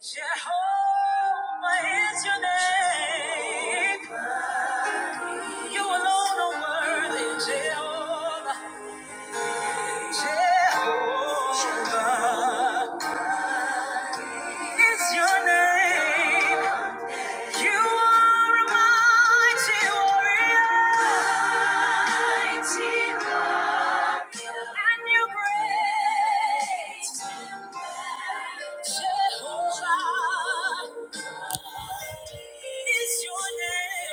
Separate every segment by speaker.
Speaker 1: Jehovah is your name. You alone are worthy, Jehovah. Jehovah is your name. You are a mighty warrior. Mighty warrior. And you're great. Jehovah is your name.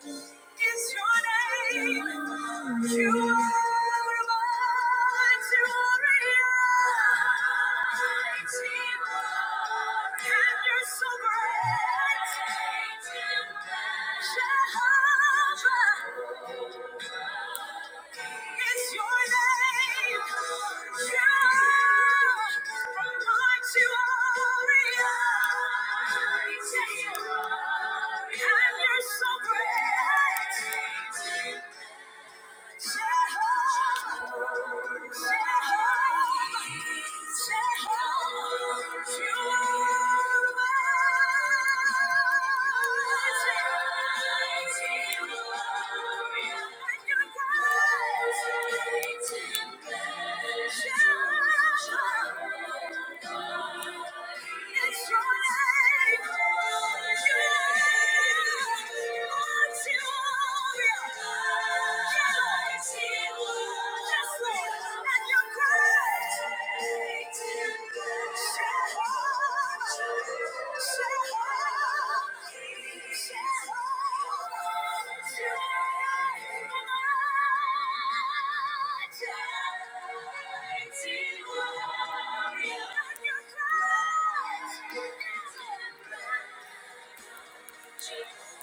Speaker 1: Thank you is your name. You are my glory. And you're so great. Jehovah, it's your name. Yeah. From night to warrior. And you're so great. It's your name. Thank you. Thank you.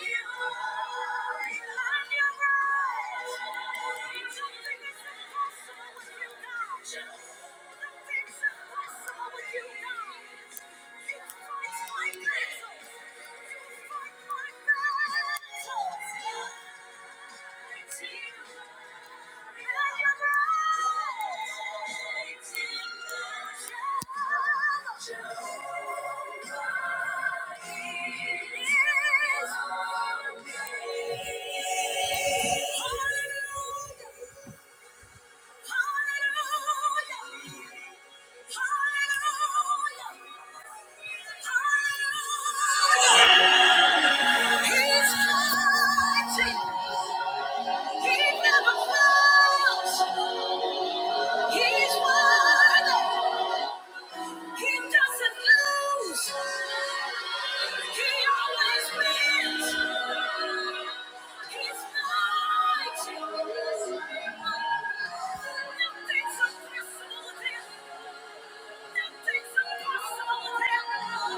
Speaker 1: You Thank you. Hallelujah! Nothing's impossible. with him.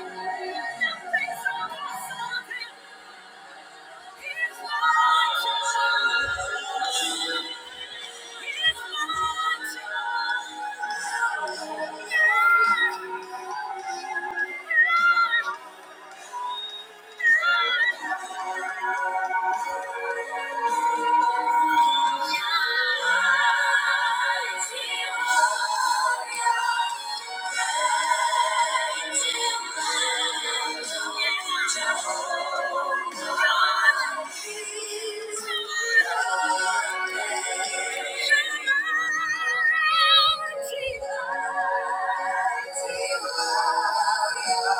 Speaker 1: Nothing's impossible with him. Yeah. Thank you. Yes, Lord.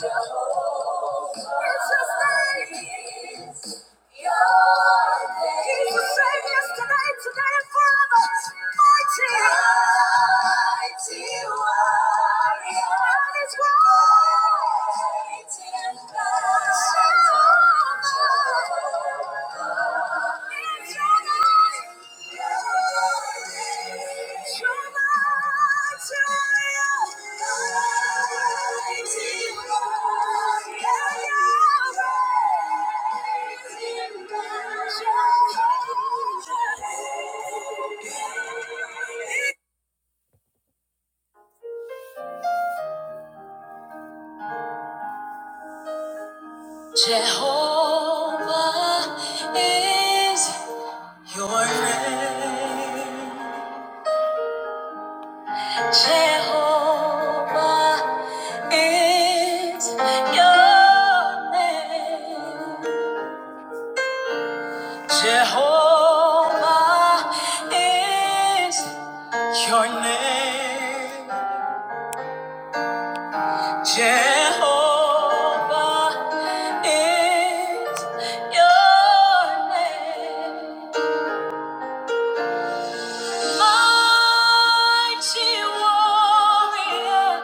Speaker 1: Jehovah. Jehovah. It's his name. He's the same yesterday, today, and forever. Mighty, mighty warrior. And his mighty and battle. Jehovah. Jehovah is your name. Jehovah is your name. Jehovah is your name. Jehovah is your name. Mighty warrior,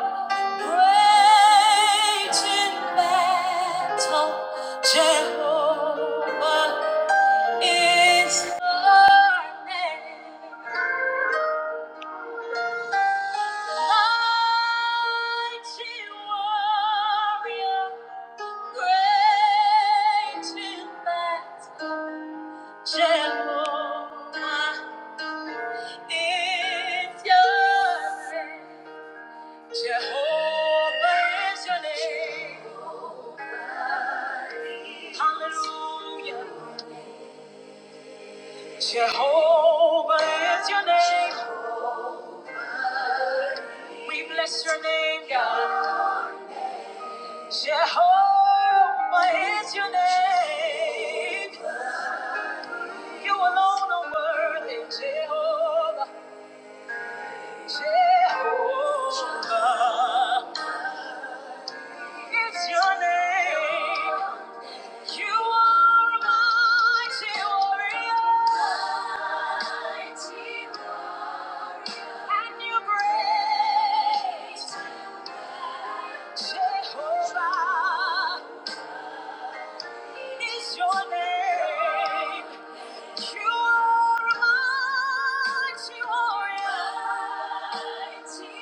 Speaker 1: great in battle, Jehovah is your name. Mighty warrior, great in battle, Jehovah is your name. Jehovah is your name. Hallelujah. Jehovah is your name. We bless your name, God. Jehovah is your name. You alone are worthy, Jehovah. Jehovah is your name. You are mighty Mighty warrior. And you great. Jehovah is your name. You are mighty Mighty warrior.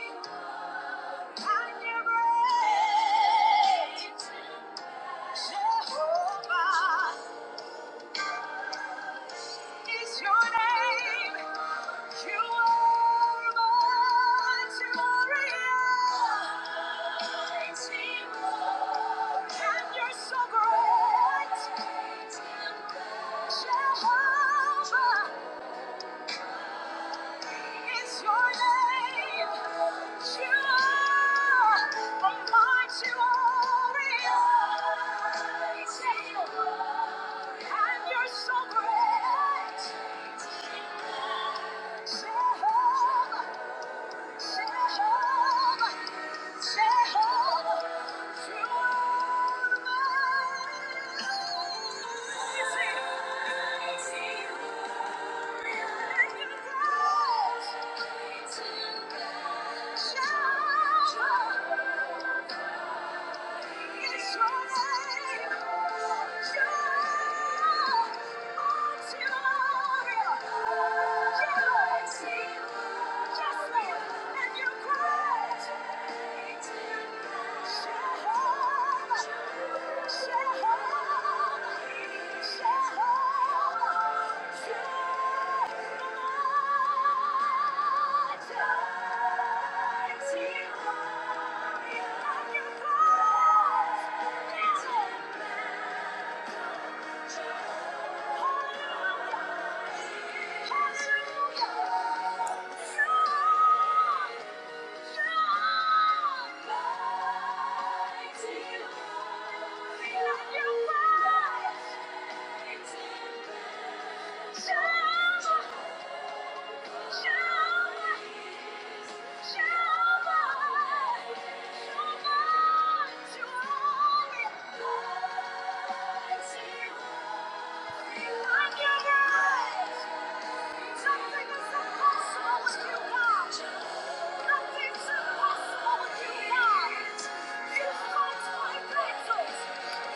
Speaker 1: And you great. Jehovah is your name. You are mighty warrior. Mighty warrior. And you're so great. Jehovah. It's your name. You are a mighty warrior. And you're so great. Jehovah, Jehovah, Jehovah, you are amazing. Thank you. Thank you. Thank you. Nothing is impossible with you, God. Nothing's impossible with you, God. You fight my battles.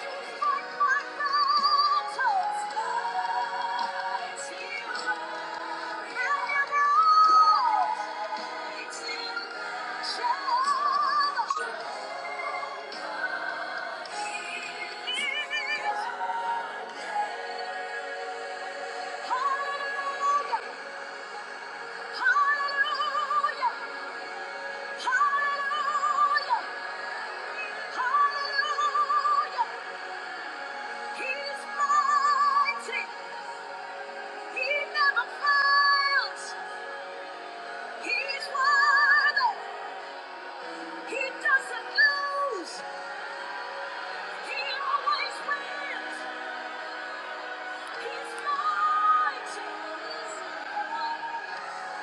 Speaker 1: You fight my battles. It's you. Hallelujah. Hallelujah. Hallelujah! Hallelujah! He's mighty. He never fails. He's worthy. He doesn't lose. He always wins. He's mighty.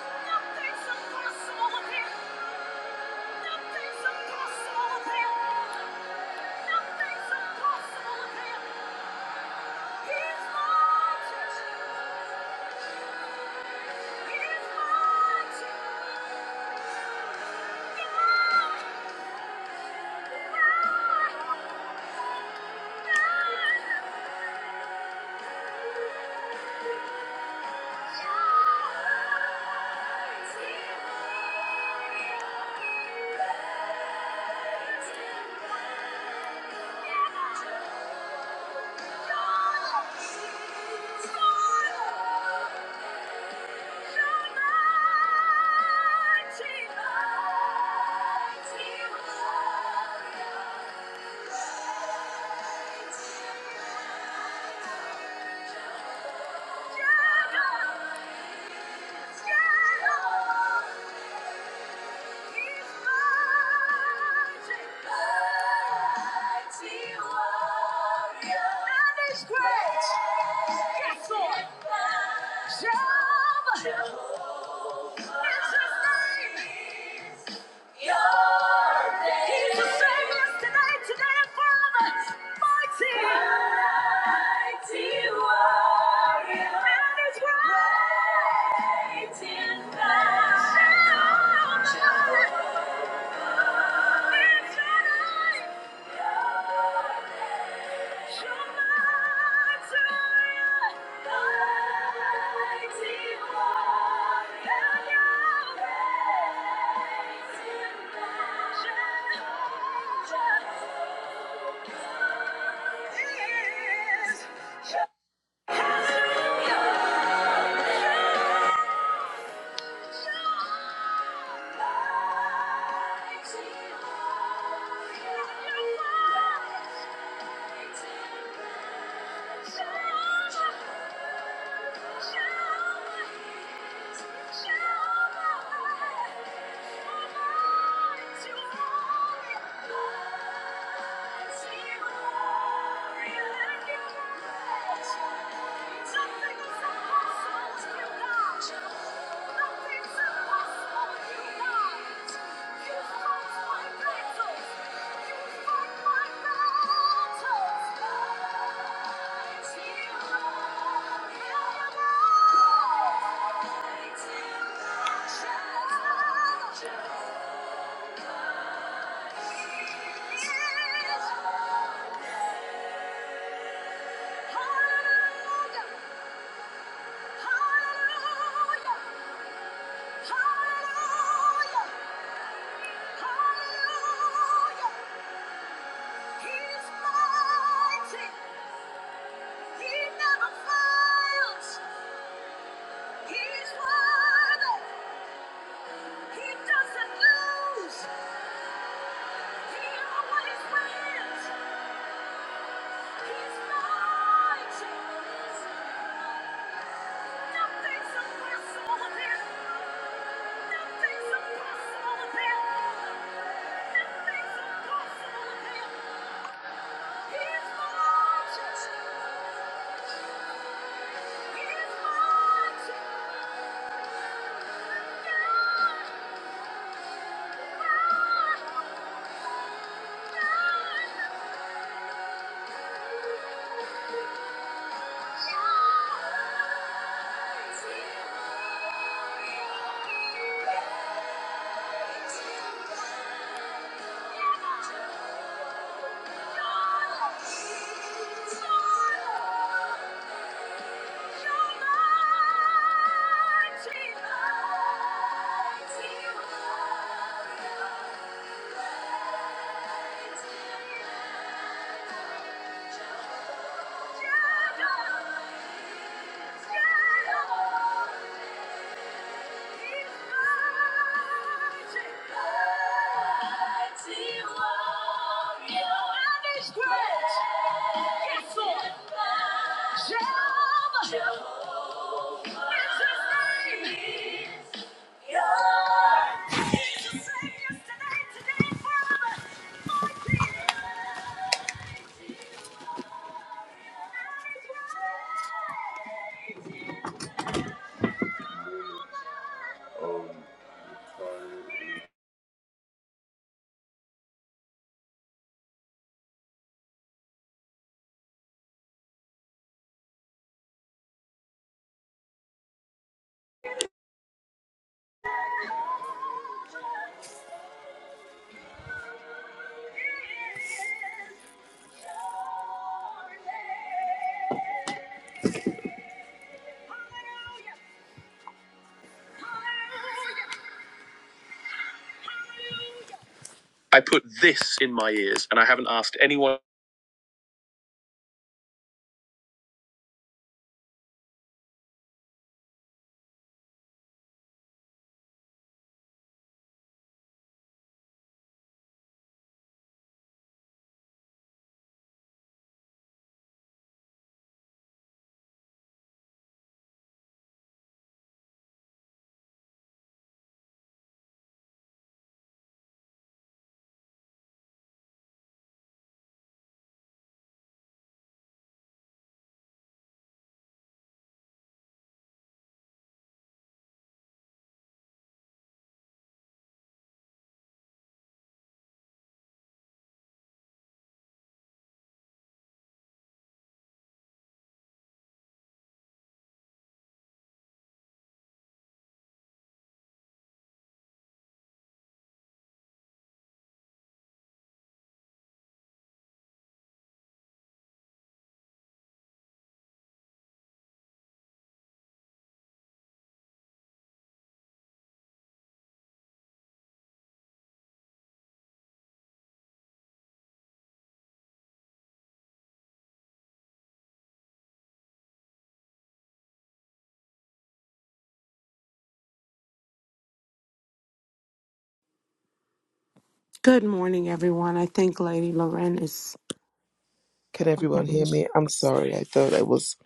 Speaker 1: Nothing's impossible with him. Nothing's impossible with him. Nothing's impossible with him. He's mighty. Thank you. Jehovah, Jehovah, it's his name. He's the same yesterday, today, and forever. Mighty. Mighty warrior. And he's great. Great in battle. Yeah. Thank you. Hallelujah. Nothing's impossible with him. Thank you. Jehovah. I put this in my ears and I haven't asked anyone.
Speaker 2: Good morning, everyone. I think Lady Loren is.
Speaker 1: Can everyone hear
Speaker 2: okay.
Speaker 1: me? I'm sorry. I thought I was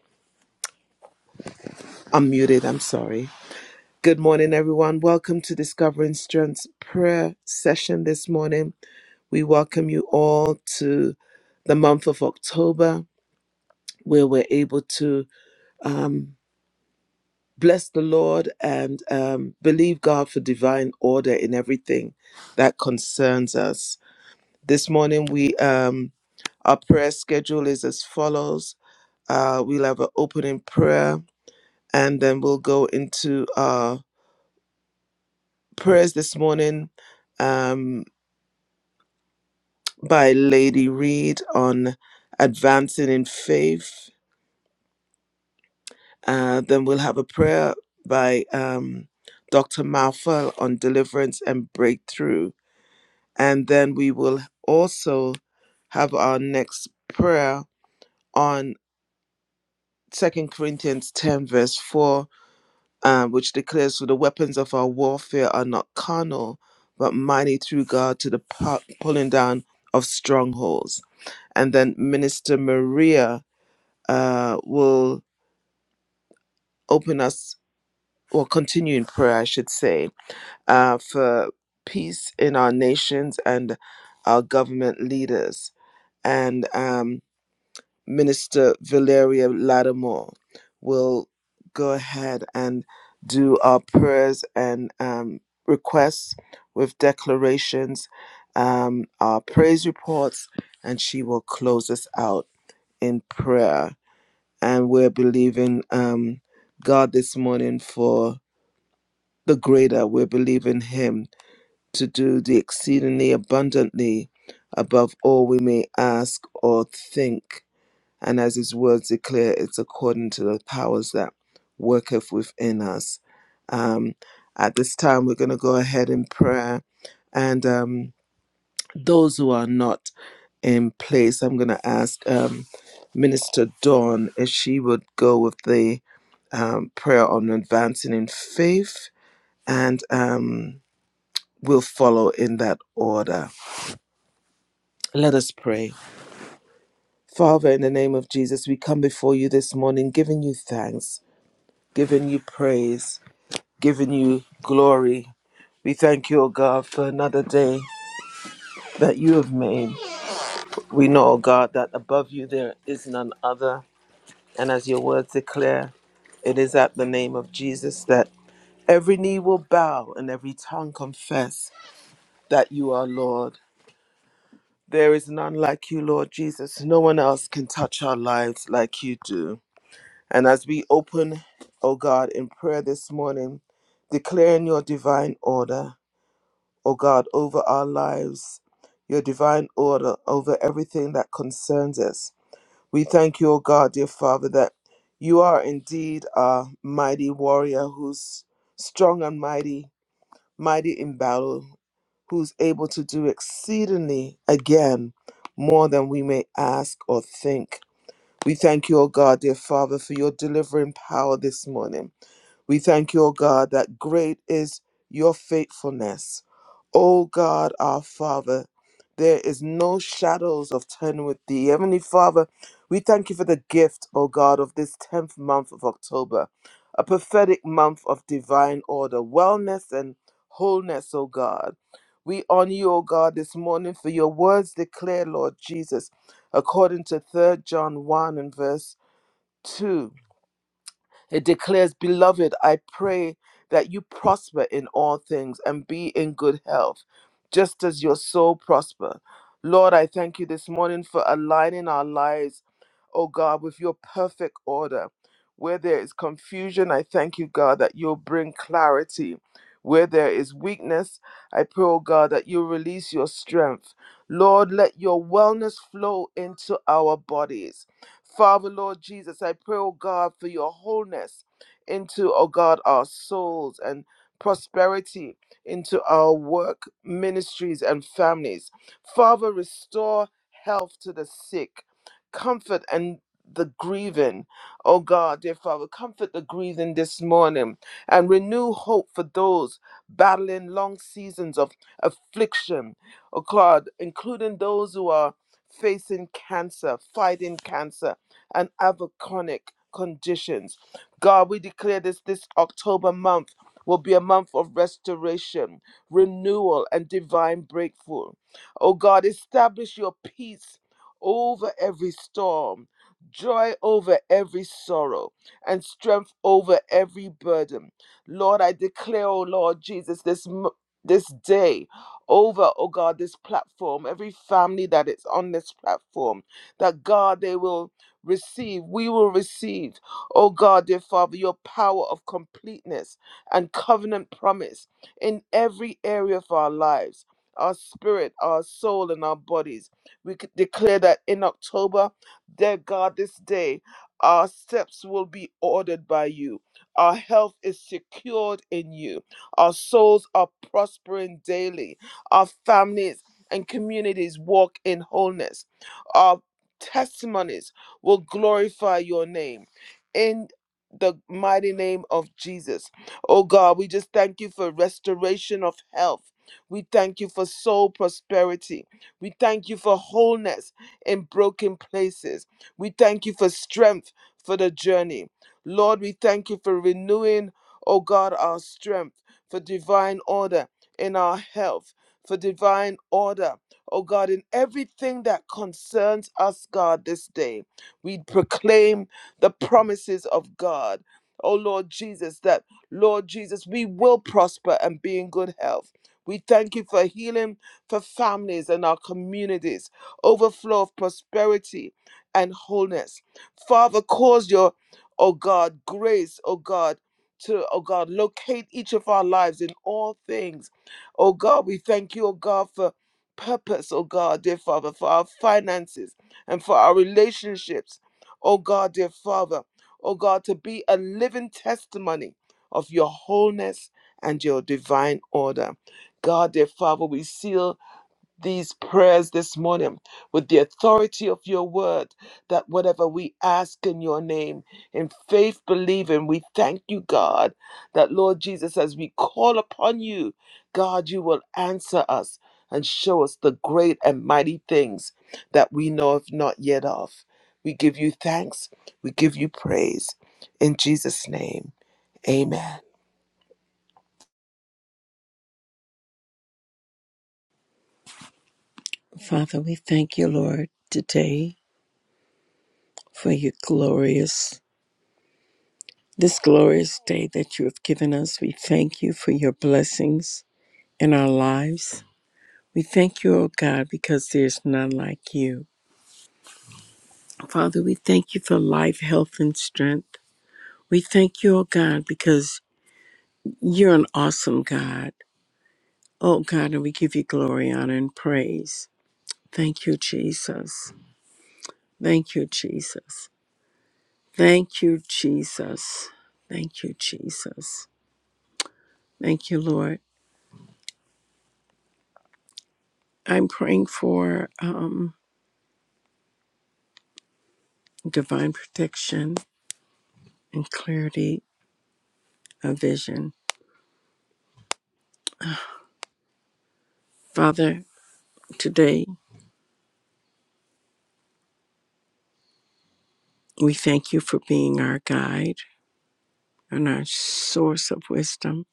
Speaker 1: unmuted. I'm sorry. Good morning, everyone. Welcome to Discovering Strength's prayer session this morning. We welcome you all to the month of October, where we're able to um, bless the Lord and um, believe God for divine order in everything that concerns us. This morning, we um, our prayer schedule is as follows: uh, We'll have an opening prayer, and then we'll go into our prayers this morning. Um, by Lady Reed on advancing in faith. Uh, then we'll have a prayer by um, Dr. Malfa on deliverance and breakthrough. And then we will also have our next prayer on Second Corinthians 10, verse 4, uh, which declares, For the weapons of our warfare are not carnal, but mighty through God to the pu- pulling down of strongholds. And then Minister Maria uh, will open us or continue in prayer, I should say, uh, for peace in our nations and our government leaders. And um, Minister Valeria Lattimore will go ahead and do our prayers and um, requests with declarations, um, our praise reports, and she will close us out in prayer. and we're believing um, God this morning for the greater. We're believing Him to do the exceedingly abundantly above all we may ask or think. And as His words declare, it's according to the powers that worketh within us. Um, at this time, we're going to go ahead in prayer and. Um, those who are not in place. I'm going to ask um, Minister Dawn if she would go with the um, prayer on advancing in faith, and um, we'll follow in that order. Let us pray. Father, in the name of Jesus, we come before you this morning giving you thanks, giving you praise, giving you glory. We thank you, O God, for another day that you have made. We know, O God, that above you there is none other. And as your words declare, it is at the name of Jesus that every knee will bow and every tongue confess that you are Lord. There is none like you, Lord Jesus. No one else can touch our lives like you do. And as we open, O God, in prayer this morning, declaring your divine order, O God, over our lives, your divine order over everything that concerns us. We thank you, O God, dear Father, that you are indeed a mighty warrior who's strong and mighty, mighty in battle, who's able to do exceedingly again more than we may ask or think. We thank you, O God, dear Father, for your delivering power this morning. We thank you, O God, that great is your faithfulness. O God, our Father, there is no shadows of turning with thee. Heavenly Father, we thank you for the gift, O God, of this 10th month of October, a prophetic month of divine order, wellness, and wholeness, O God. We honor you, O God, this morning for your words declare, Lord Jesus, according to Third John 1 and verse 2. It declares, Beloved, I pray that you prosper in all things and be in good health, just as your soul prosper. Lord, I thank you this morning for aligning our lives, oh God, with your perfect order. Where there is confusion, I thank you, God, that you'll bring clarity. Where there is weakness, I pray, oh God, that you release your strength. Lord, let your wellness flow into our bodies. Father, Lord Jesus, I pray, oh God, for your wholeness into, oh God, our souls and prosperity into our work, ministries, and families. Father, restore health to the sick, comfort and the grieving, oh God, dear Father, comfort the grieving this morning and renew hope for those battling long seasons of affliction, oh God, including those who are facing cancer, fighting cancer, and other chronic conditions. God, we declare this this October month will be a month of restoration, renewal, and divine breakthrough. Oh God, establish your peace over every storm, joy over every sorrow, and strength over every burden. Lord, I declare, oh Lord Jesus, this m- this day over, oh God, this platform, every family that is on this platform, that God, they will receive, we will receive, oh God, dear Father, your power of completeness and covenant promise in every area of our lives. Our spirit, our soul, and our bodies. We c- declare that in October, dear God, this day, our steps will be ordered by you. Our health is secured in you. Our souls are prospering daily our families and communities walk in wholeness. Our testimonies will glorify your name. In the mighty name of Jesus. Oh God, we just thank you for restoration of health. We thank you for soul prosperity. We thank you for wholeness in broken places. We thank you for strength for the journey. Lord, we thank you for renewing, oh God, our strength, for divine order in our health for divine order. Oh God, in everything that concerns us, God, this day, we proclaim the promises of God. Oh Lord Jesus, that Lord Jesus, we will prosper and be in good health. We thank you for healing for families and our communities, overflow of prosperity and wholeness. Father, cause your, oh God, grace, oh God, to, oh God, locate each of our lives in all things Oh God, we thank you, oh God, for purpose, oh God, dear Father, for our finances and for our relationships. Oh God, dear Father, oh God, to be a living testimony of your wholeness and your divine order. God, dear Father, we seal these prayers this morning with the authority of your word that whatever we ask in your name in faith believing we thank you god that lord jesus as we call upon you god you will answer us and show us the great and mighty things that we know of not yet of we give you thanks we give you praise in jesus name amen
Speaker 3: Father, we thank you, Lord, today for your glorious, this glorious day that you have given us. We thank you for your blessings in our lives. We thank you, O God, because there's none like you. Father, we thank you for life, health, and strength. We thank you, O God, because you're an awesome God. Oh God, and we give you glory, honor, and praise. Thank you, Jesus. Thank you, Jesus. Thank you, Jesus. Thank you, Jesus. Thank you, Lord. I'm praying for um, divine protection and clarity of vision. Father, today we thank you for being our guide and our source of wisdom.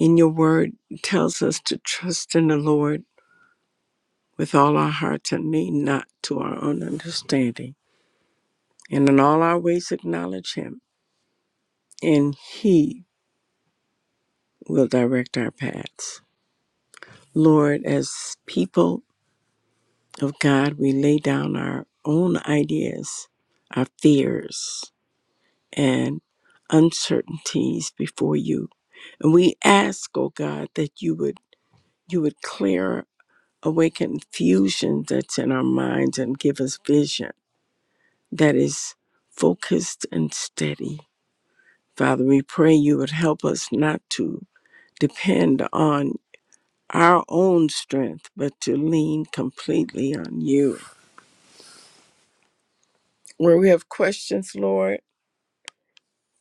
Speaker 3: In your word it tells us to trust in the Lord with all our hearts and lean not to our own understanding. And in all our ways acknowledge him, and he will direct our paths. Lord, as people of God, we lay down our own ideas, our fears, and uncertainties before you. And we ask, oh God, that you would you would clear away confusion that's in our minds and give us vision that is focused and steady. Father, we pray you would help us not to depend on our own strength, but to lean completely on you. Where we have questions, Lord,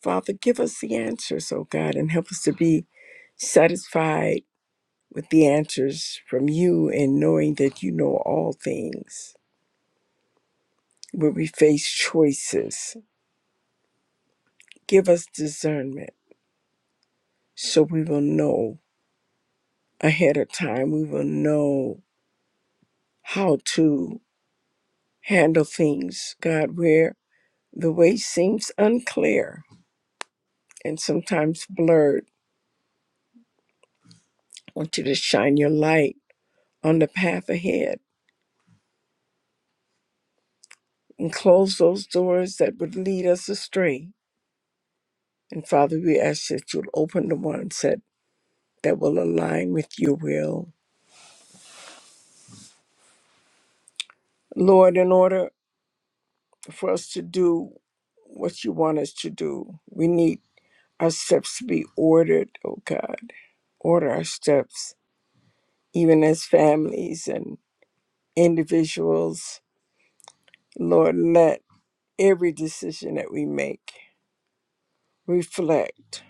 Speaker 3: Father, give us the answers, oh God, and help us to be satisfied with the answers from you and knowing that you know all things. Where we face choices, give us discernment so we will know ahead of time. We will know how to handle things, God, where the way seems unclear and sometimes blurred. I want you to shine your light on the path ahead and close those doors that would lead us astray. And Father, we ask that you'll open the ones that, that will align with your will. Lord, in order for us to do what you want us to do, we need our steps to be ordered, oh God. Order our steps, even as families and individuals. Lord, let every decision that we make reflect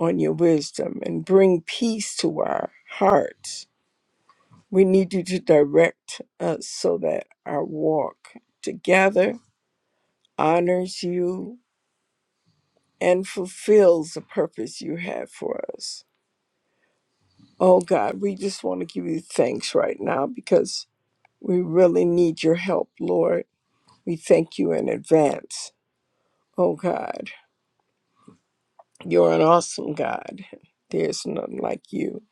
Speaker 3: on your wisdom and bring peace to our hearts We need you to direct us so that our walk together honors you and fulfills the purpose you have for us. Oh God, we just want to give you thanks right now because we really need your help, Lord. We thank you in advance. Oh God, you're an awesome God. There's none like you.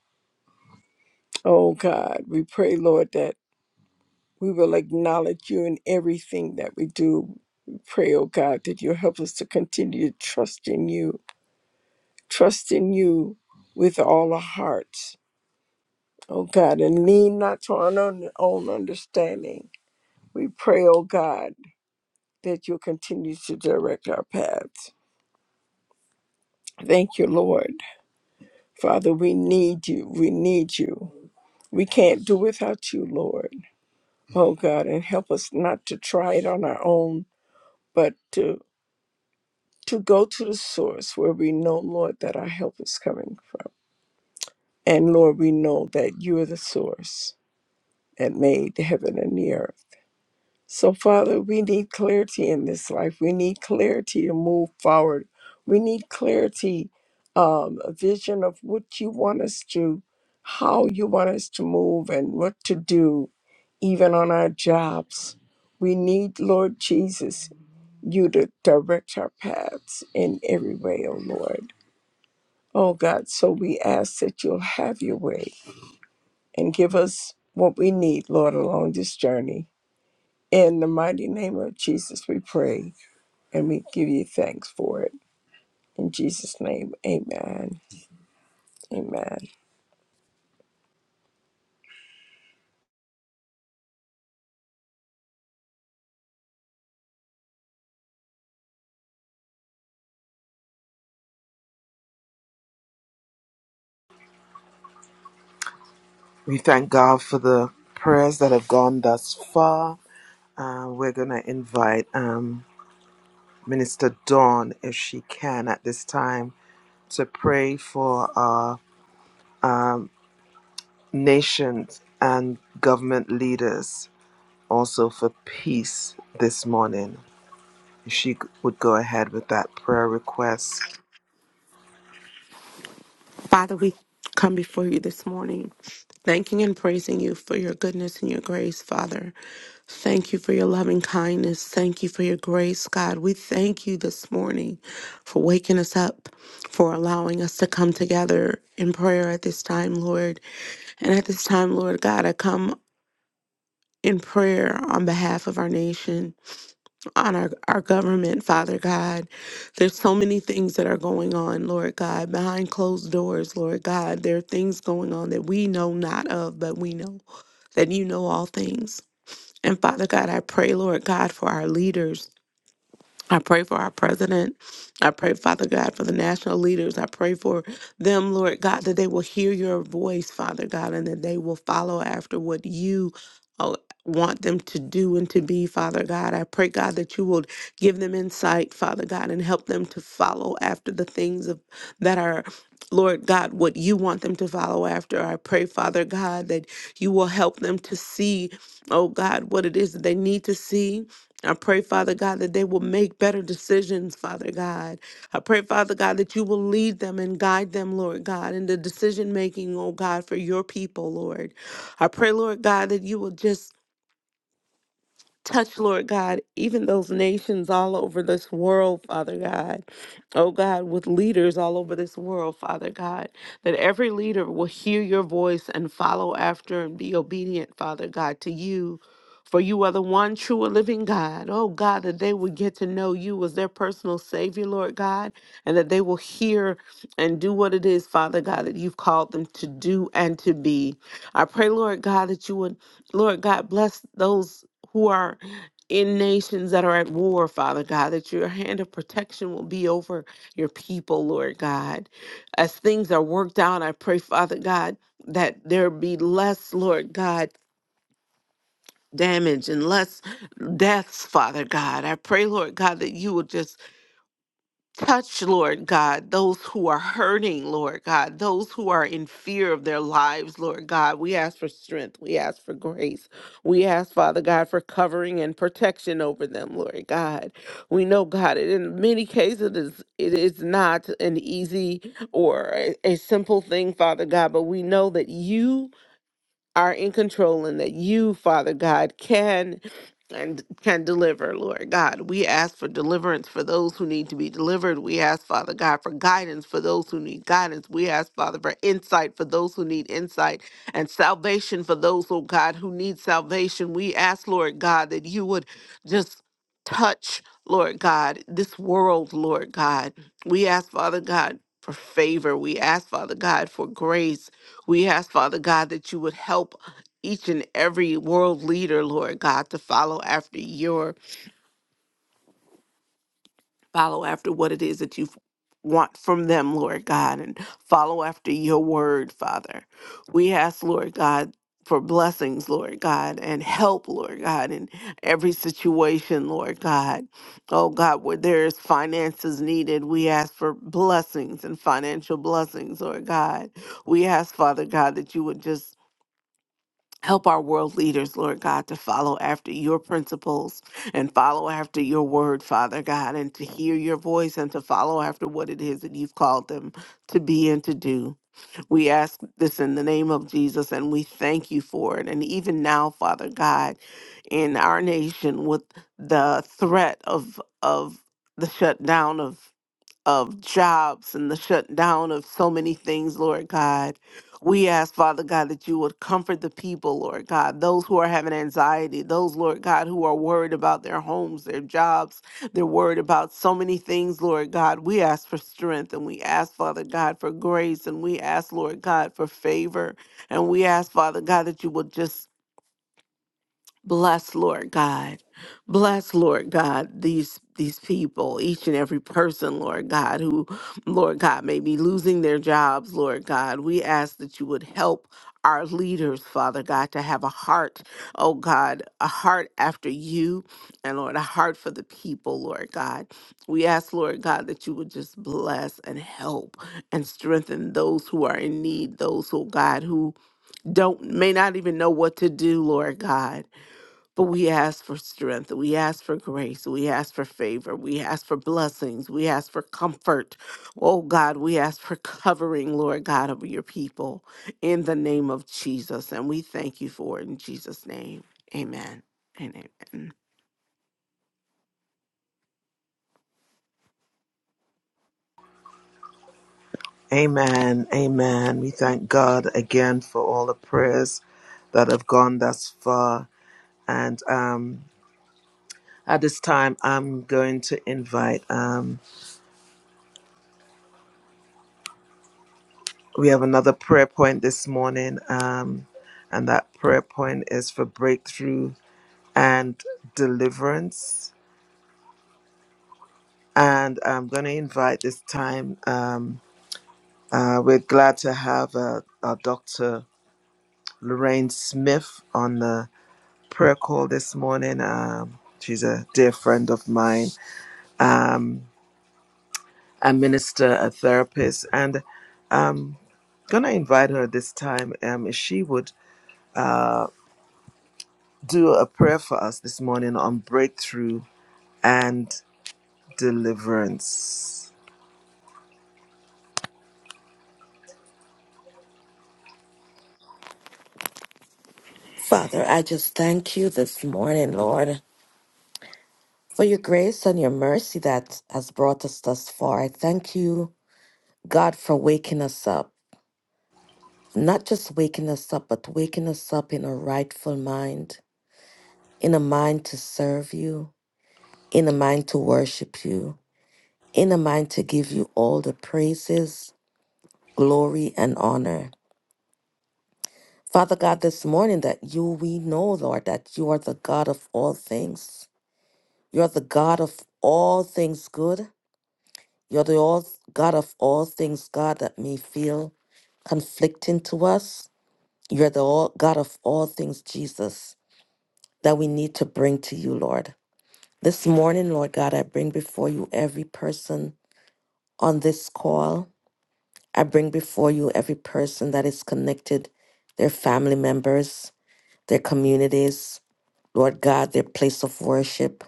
Speaker 3: Oh God, we pray, Lord, that We will acknowledge you in everything that we do. We pray, oh God, that you'll help us to continue to trust in you, trust in you with all our hearts, oh God, and lean not to our own own understanding. We pray, oh God, that you'll continue to direct our paths. Thank you, Lord. Father, we need you. We need you. We can't do without you, Lord. Oh God, and help us not to try it on our own, but to to go to the source where we know, Lord, that our help is coming from. And Lord, we know that you are the source that made the heaven and the earth. So, Father, we need clarity in this life. We need clarity to move forward. We need clarity, um, a vision of what you want us to, how you want us to move, and what to do, even on our jobs. We need, Lord Jesus, you to direct our paths in every way, O Lord. Oh God, so we ask that you'll have your way and give us what we need, Lord, along this journey. In the mighty name of Jesus, we pray and we give you thanks for it. In Jesus' name, amen. Amen.
Speaker 1: We thank God for the prayers that have gone thus far. Uh, we're going to invite um, Minister Dawn, if she can, at this time to pray for our um, nations and government leaders, also for peace this morning. If she would go ahead with that prayer request.
Speaker 2: Father, we come before you this morning, thanking and praising you for your goodness and your grace, Father. Thank you for your loving kindness. Thank you for your grace, God. We thank you this morning for waking us up, for allowing us to come together in prayer at this time, Lord. And at this time, Lord God, I come in prayer on behalf of our nation. on our, our government, Father God. There's so many things that are going on, Lord God, behind closed doors, Lord God. There are things going on that we know not of, but we know that you know all things. And Father God, I pray, Lord God, for our leaders. I pray for our president. I pray, Father God, for the national leaders. I pray for them, Lord God, that they will hear your voice, Father God, and that they will follow after what you uh, want them to do and to be, Father God. I pray, God, that you will give them insight, Father God, and help them to follow after the things of, that are. Lord God, what you want them to follow after. I pray, Father God, that you will help them to see, oh God, what it is that they need to see I pray, Father God, that they will make better decisions, Father God. I pray, Father God, that you will lead them and guide them, Lord God, in the decision making, oh God, for your people, Lord. I pray, Lord God, that you will just Touch, Lord God, even those nations all over this world, Father God. Oh God, with leaders all over this world, Father God, that every leader will hear your voice and follow after and be obedient, Father God, to you. For you are the one true and living God. Oh God, that they would get to know you as their personal Savior, Lord God, and that they will hear and do what it is, Father God, that you've called them to do and to be. I pray, Lord God, that you would, Lord God, bless those who are in nations that are at war, Father God, that your hand of protection will be over your people, Lord God. As things are worked out, I pray, Father God, that there be less, Lord God, damage and less deaths, Father God. I pray, Lord God, that you will just Touch, Lord God, those who are hurting, Lord God, those who are in fear of their lives, Lord God. We ask for strength. We ask for grace. We ask, Father God, for covering and protection over them, Lord God. We know, God, that in many cases it is, it is not an easy or a, a simple thing, Father God, but we know that you are in control and that you, Father God, can and can deliver, Lord God. We ask for deliverance for those who need to be delivered. We ask, Father God, for guidance for those who need guidance. We ask, Father, for insight for those who need insight and salvation for those, oh God, who need salvation. We ask, Lord God, that you would just touch, Lord God, this world, Lord God. We ask, Father God, for favor. We ask, Father God, for grace. We ask, Father God, that you would help each and every world leader, Lord God, to follow after your, follow after what it is that you want from them, Lord God, and follow after your word, Father. We ask, Lord God, for blessings, Lord God, and help, Lord God, in every situation, Lord God. Oh God, where there is finances needed, we ask for blessings and financial blessings, Lord God. We ask, Father God, that you would just Help our world leaders, Lord God, to follow after your principles and follow after your word, Father God, and to hear your voice and to follow after what it is that you've called them to be and to do. We ask this in the name of Jesus and we thank you for it. And even now, Father God, in our nation with the threat of of the shutdown of of jobs and the shutdown of so many things, Lord God. We ask, Father God, that you would comfort the people, Lord God, those who are having anxiety, those, Lord God, who are worried about their homes, their jobs, they're worried about so many things, Lord God. We ask for strength and we ask, Father God, for grace and we ask, Lord God, for favor. And we ask, Father God, that you would just Bless, Lord God. Bless, Lord God, these these people, each and every person, Lord God, who, Lord God, may be losing their jobs, Lord God. We ask that you would help our leaders, Father God, to have a heart, oh God, a heart after you, and Lord, a heart for the people, Lord God. We ask, Lord God, that you would just bless and help and strengthen those who are in need, those, oh God, who don't may not even know what to do, Lord God. But we ask for strength. We ask for grace. We ask for favor. We ask for blessings. We ask for comfort. Oh God, we ask for covering, Lord God, of your people in the name of Jesus. And we thank you for it in Jesus' name. Amen and amen.
Speaker 1: Amen. Amen. We thank God again for all the prayers that have gone thus far. And um, At this time, I'm going to invite. Um, we have another prayer point this morning, um, and that prayer point is for breakthrough and deliverance. And I'm going to invite this time. Um, uh, we're glad to have uh, uh, Dr. Lorraine Smith on the prayer call this morning. Um, she's a dear friend of mine. Um, a minister, a therapist, and I'm gonna invite her this time. Um, if she would uh, do a prayer for us this morning on breakthrough and deliverance.
Speaker 4: Father, I just thank you this morning, Lord, for your grace and your mercy that has brought us thus far. I thank you, God, for waking us up. Not just waking us up, but waking us up in a rightful mind, in a mind to serve you, in a mind to worship you, in a mind to give you all the praises, glory, and honor. Father God, this morning that you, we know, Lord, that you are the God of all things. You're the God of all things good You're the all, God of all things, God, that may feel conflicting to us. You're the all, God of all things, Jesus, that we need to bring to you, Lord. This morning, Lord God, I bring before you every person on this call. I bring before you every person that is connected, their family members, their communities, Lord God, their place of worship.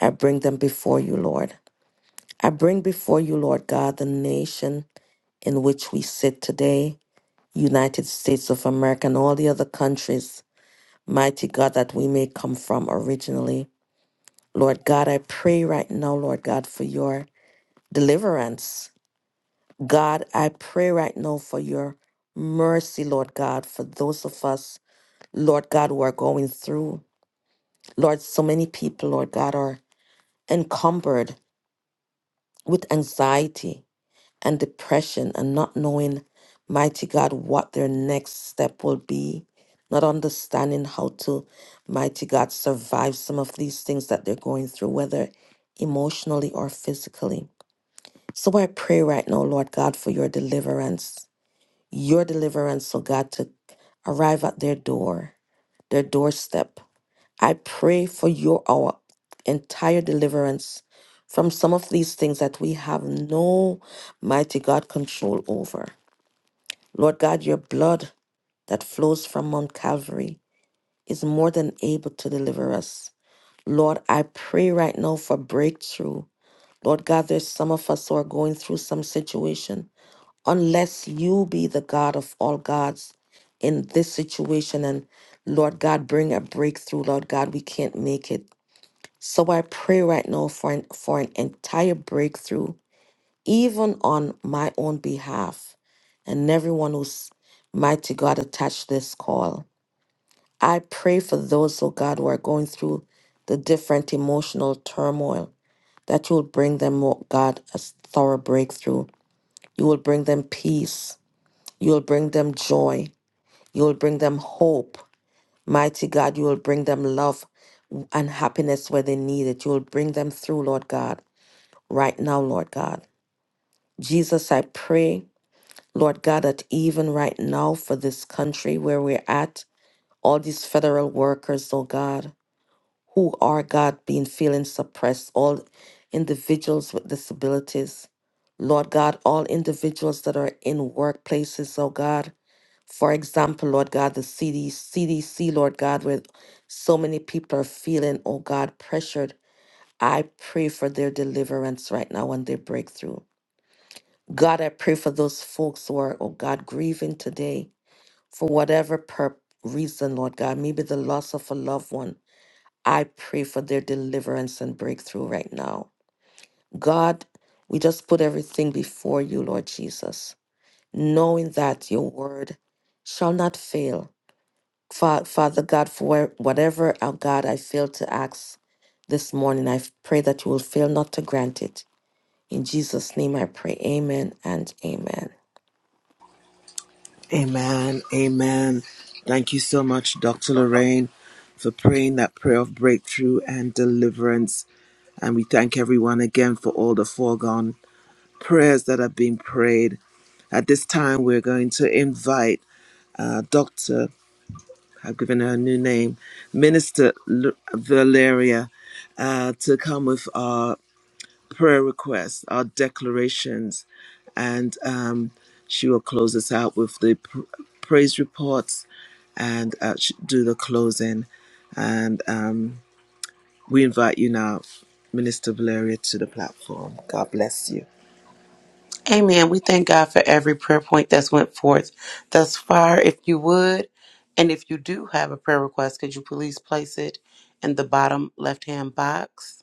Speaker 4: I bring them before you, Lord. I bring before you, Lord God, the nation in which we sit today. United States of America, and all the other countries, mighty God, that we may come from originally. Lord God, I pray right now, Lord God, for your deliverance. God, I pray right now for your mercy, Lord God, for those of us, Lord God, who are going through. Lord, so many people, Lord God, are encumbered with anxiety. and depression and not knowing, mighty God, what their next step will be, not understanding how to, mighty God, survive some of these things that they're going through, whether emotionally or physically. So I pray right now, Lord God, for your deliverance, your deliverance, oh God, to arrive at their door, their doorstep. I pray for your our entire deliverance from some of these things that we have no mighty God control over. Lord God, your blood that flows from Mount Calvary is more than able to deliver us. Lord, I pray right now for breakthrough. Lord God, there's some of us who are going through some situation. Unless you be the God of all gods in this situation and Lord God, bring a breakthrough, Lord God, we can't make it. So I pray right now for an, for an entire breakthrough, even on my own behalf and everyone who's mighty God attached this call. I pray for those, oh God, who are going through the different emotional turmoil, that you will bring them, oh God, a thorough breakthrough. You will bring them peace. You will bring them joy. You will bring them hope. Mighty God, you will bring them love and happiness where they need it. You will bring them through, Lord God. right now, Lord God. Jesus, I pray, Lord God, that even right now for this country where we're at, all these federal workers, oh God, who are, God, being feeling suppressed, all individuals with disabilities, Lord God, all individuals that are in workplaces, oh God. For example, Lord God, the CD, CDC, Lord God, where so many people are feeling, oh God, pressured. I pray for their deliverance right now and their breakthrough. God, I pray for those folks who are, oh God, grieving today for whatever per- reason, Lord God, maybe the loss of a loved one. I pray for their deliverance and breakthrough right now. God, we just put everything before you, Lord Jesus, knowing that your word shall not fail. Fa- Father God, for where- whatever, oh God, I fail to ask this morning, I pray that you will fail not to grant it. In Jesus' name I pray, amen and amen.
Speaker 1: Amen. Amen. Thank you so much, Dr. Lorraine, for praying that prayer of breakthrough and deliverance. And we thank everyone again for all the foregone prayers that have been prayed. At this time, we're going to invite uh, Dr. I've given her a new name, Minister L- Valeria, uh, to come with our prayer requests, our declarations, and um, she will close us out with the pr- praise reports and uh, sh- do the closing. And um, we invite you now, Minister Valeria, to the platform. God bless you.
Speaker 5: Amen. We thank God for every prayer point that's went forth thus far. If you would, and if you do have a prayer request, could you please place it in the bottom left hand box?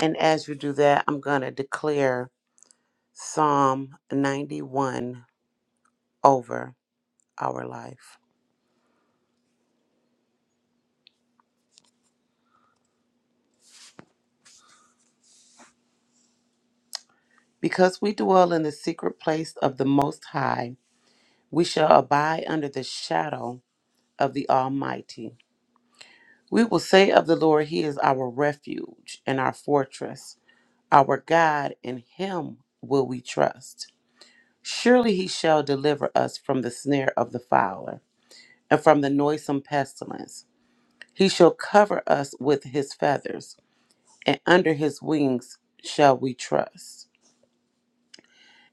Speaker 5: And as you do that, I'm going to declare Psalm 91 over our life. Because we dwell in the secret place of the Most High, we shall abide under the shadow of the Almighty. We will say of the Lord, He is our refuge and our fortress. Our God, in him will we trust. Surely he shall deliver us from the snare of the fowler and from the noisome pestilence. He shall cover us with his feathers, and under his wings shall we trust.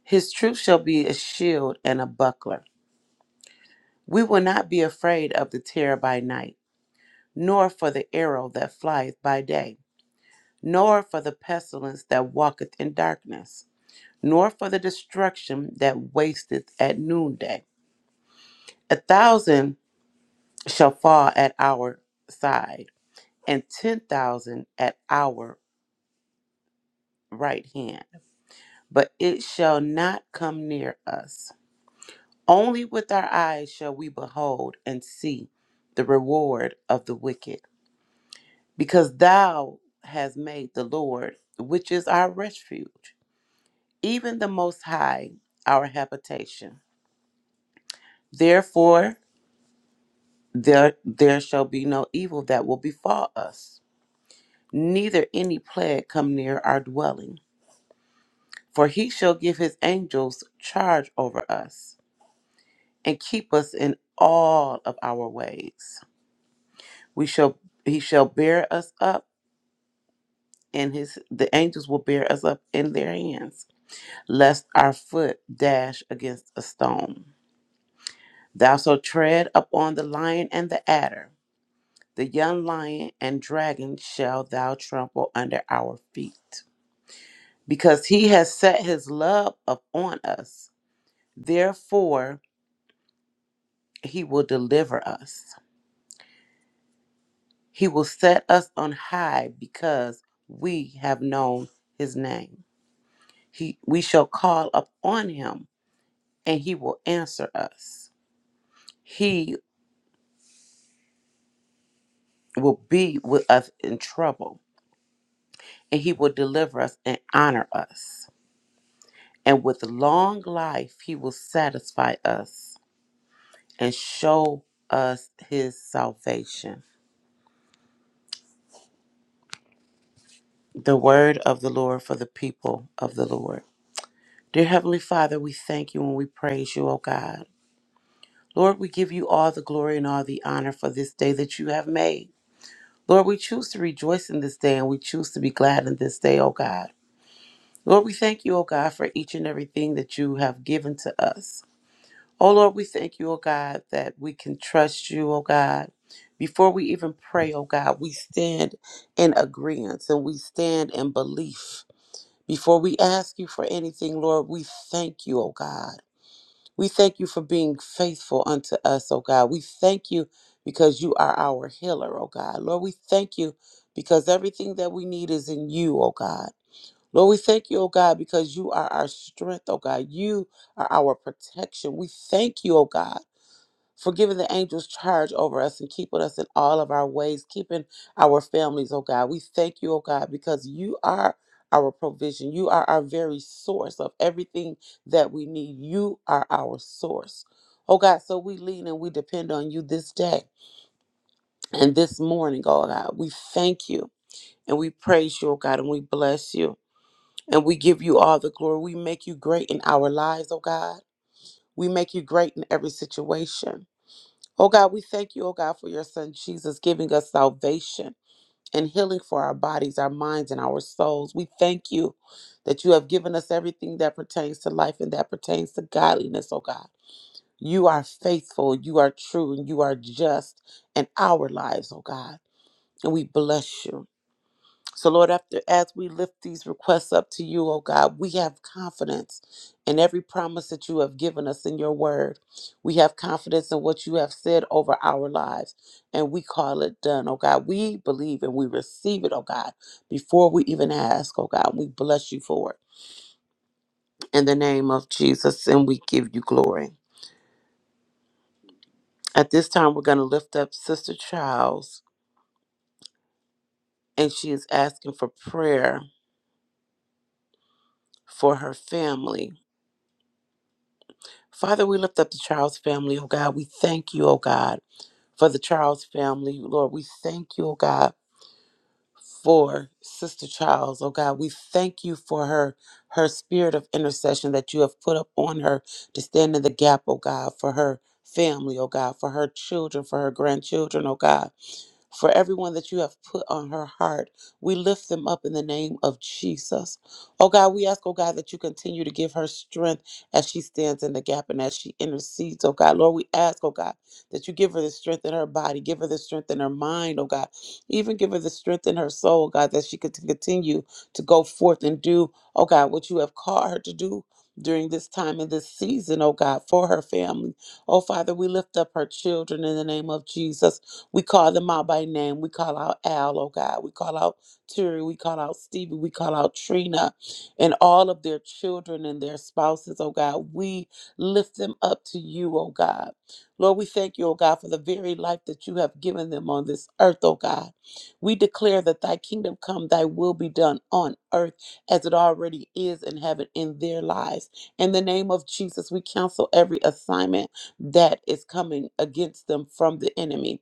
Speaker 5: His truth shall be a shield and a buckler. We will not be afraid of the terror by night, nor for the arrow that flieth by day, nor for the pestilence that walketh in darkness, nor for the destruction that wasteth at noonday. A thousand shall fall at our side, and ten thousand at our right hand, but it shall not come near us. Only with our eyes shall we behold and see the reward of the wicked, because thou hast made the Lord, which is our refuge, even the Most High, our habitation. Therefore, there, there shall be no evil that will befall us neither any plague come near our dwelling. For he shall give his angels charge over us, and keep us in all of our ways. We shall he shall bear us up, and his the angels will bear us up in their hands, lest our foot dash against a stone. Thou shalt tread upon the lion and the adder, the young lion and dragon shall thou trample under our feet. Because he has set his love upon us Therefore, he will deliver us. He will set us on high because we have known his name. He, we shall call upon him and he will answer us. He will be with us in trouble and he will deliver us and honor us. And with long life, he will satisfy us and show us his salvation. The word of the Lord for the people of the Lord. Dear Heavenly Father, we thank you and we praise you, O God. Lord, we give you all the glory and all the honor for this day that you have made. Lord, we choose to rejoice in this day and we choose to be glad in this day, O God. Lord, we thank you, O God, for each and everything that you have given to us. O Lord, we thank you, O God, that we can trust you, O God. Before we even pray, O God, we stand in agreement and we stand in belief. Before we ask you for anything, Lord, we thank you, O God. We thank you for being faithful unto us, oh God. We thank you because you are our healer, oh God. Lord, we thank you because everything that we need is in you, oh God. Lord, we thank you, oh God, because you are our strength, oh God. You are our protection. We thank you, oh God for giving the angels charge over us and keeping us in all of our ways, keeping our families, oh God. We thank you, oh God, because you are our provision. You are our very source of everything that we need. You are our source. Oh God, so we lean and we depend on you this day and this morning, oh God. We thank you and we praise you, oh God, and we bless you. And we give you all the glory. We make you great in our lives, oh God. We make you great in every situation. Oh God, we thank you, oh God, for your son Jesus giving us salvation and healing for our bodies, our minds, and our souls. We thank you that you have given us everything that pertains to life and that pertains to godliness, oh God. You are faithful, you are true, and you are just in our lives, oh God. And we bless you. So, Lord, after as we lift these requests up to you, oh God, we have confidence in every promise that you have given us in your word. We have confidence in what you have said over our lives, and we call it done, oh God. We believe and we receive it, oh God, before we even ask, oh God. We bless you for it. In the name of Jesus, and we give you glory. At this time, we're going to lift up Sister Charles, and she is asking for prayer for her family Father, we lift up the Charles family, oh God. We thank you, oh God, for the Charles family. Lord, we thank you, oh God, for Sister Charles, oh God. We thank you for her her spirit of intercession that you have put up on her to stand in the gap, oh God, for her family, oh God, for her children, for her grandchildren, oh God for everyone that you have put on her heart. We lift them up in the name of Jesus. Oh God, we ask, oh God, that you continue to give her strength as she stands in the gap and as she intercedes, oh God. Lord, we ask, oh God, that you give her the strength in her body, give her the strength in her mind, oh God. Even give her the strength in her soul, oh God, that she could continue to go forth and do, oh God, what you have called her to do. During this time and this season, oh God, for her family. Oh Father, we lift up her children in the name of Jesus. We call them out by name. We call out Al, oh God. We call out Terry. We call out Stevie. We call out Trina and all of their children and their spouses, oh God. We lift them up to you, oh God. Lord, we thank you, oh God, for the very life that you have given them on this earth, oh God. We declare that thy kingdom come, thy will be done on earth as it already is in heaven in their lives. In the name of Jesus, we cancel every assignment that is coming against them from the enemy.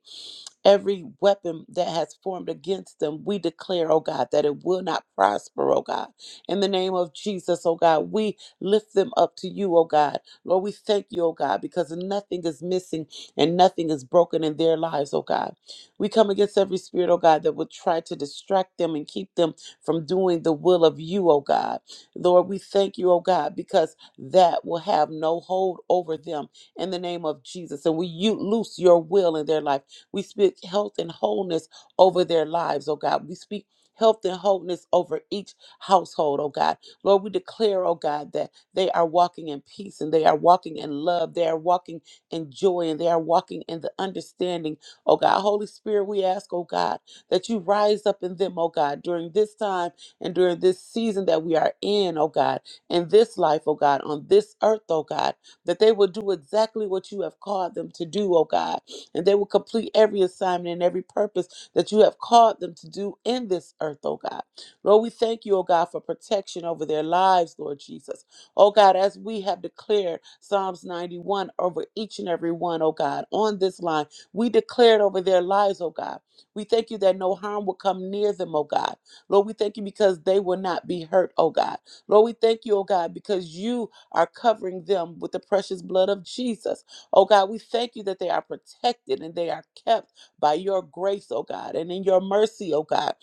Speaker 5: Every weapon that has formed against them, we declare, oh God, that it will not prosper, oh God. In the name of Jesus, oh God, we lift them up to you, oh God. Lord, we thank you, oh God, because nothing is missing and nothing is broken in their lives, oh God. We come against every spirit, oh God, that would try to distract them and keep them from doing the will of you, oh God. Lord, we thank you, oh God, because that will have no hold over them in the name of Jesus. And we you loose your will in their life. We speak health and wholeness over their lives, oh God. We speak health and wholeness over each household, oh God. Lord, we declare, oh God, that they are walking in peace and they are walking in love. They are walking in joy and they are walking in the understanding, oh God. Holy Spirit, we ask, oh God, that you rise up in them, oh God, during this time and during this season that we are in, oh God, in this life, oh God, on this earth, oh God, that they will do exactly what you have called them to do, oh God and they will complete every assignment and every purpose that you have called them to do in this earth, oh God. Lord, we thank you, oh God, for protection over their lives, Lord Jesus. Oh God, as we have declared Psalms 91 over each and every one, oh God, on this line, we declared over their lives, oh God. We thank you that no harm will come near them, oh God. Lord, we thank you because they will not be hurt, oh God. Lord, we thank you, oh God, because you are covering them with the precious blood of Jesus. Oh God, we thank you that they are protected and they are kept by your grace, oh God, and in your mercy, oh God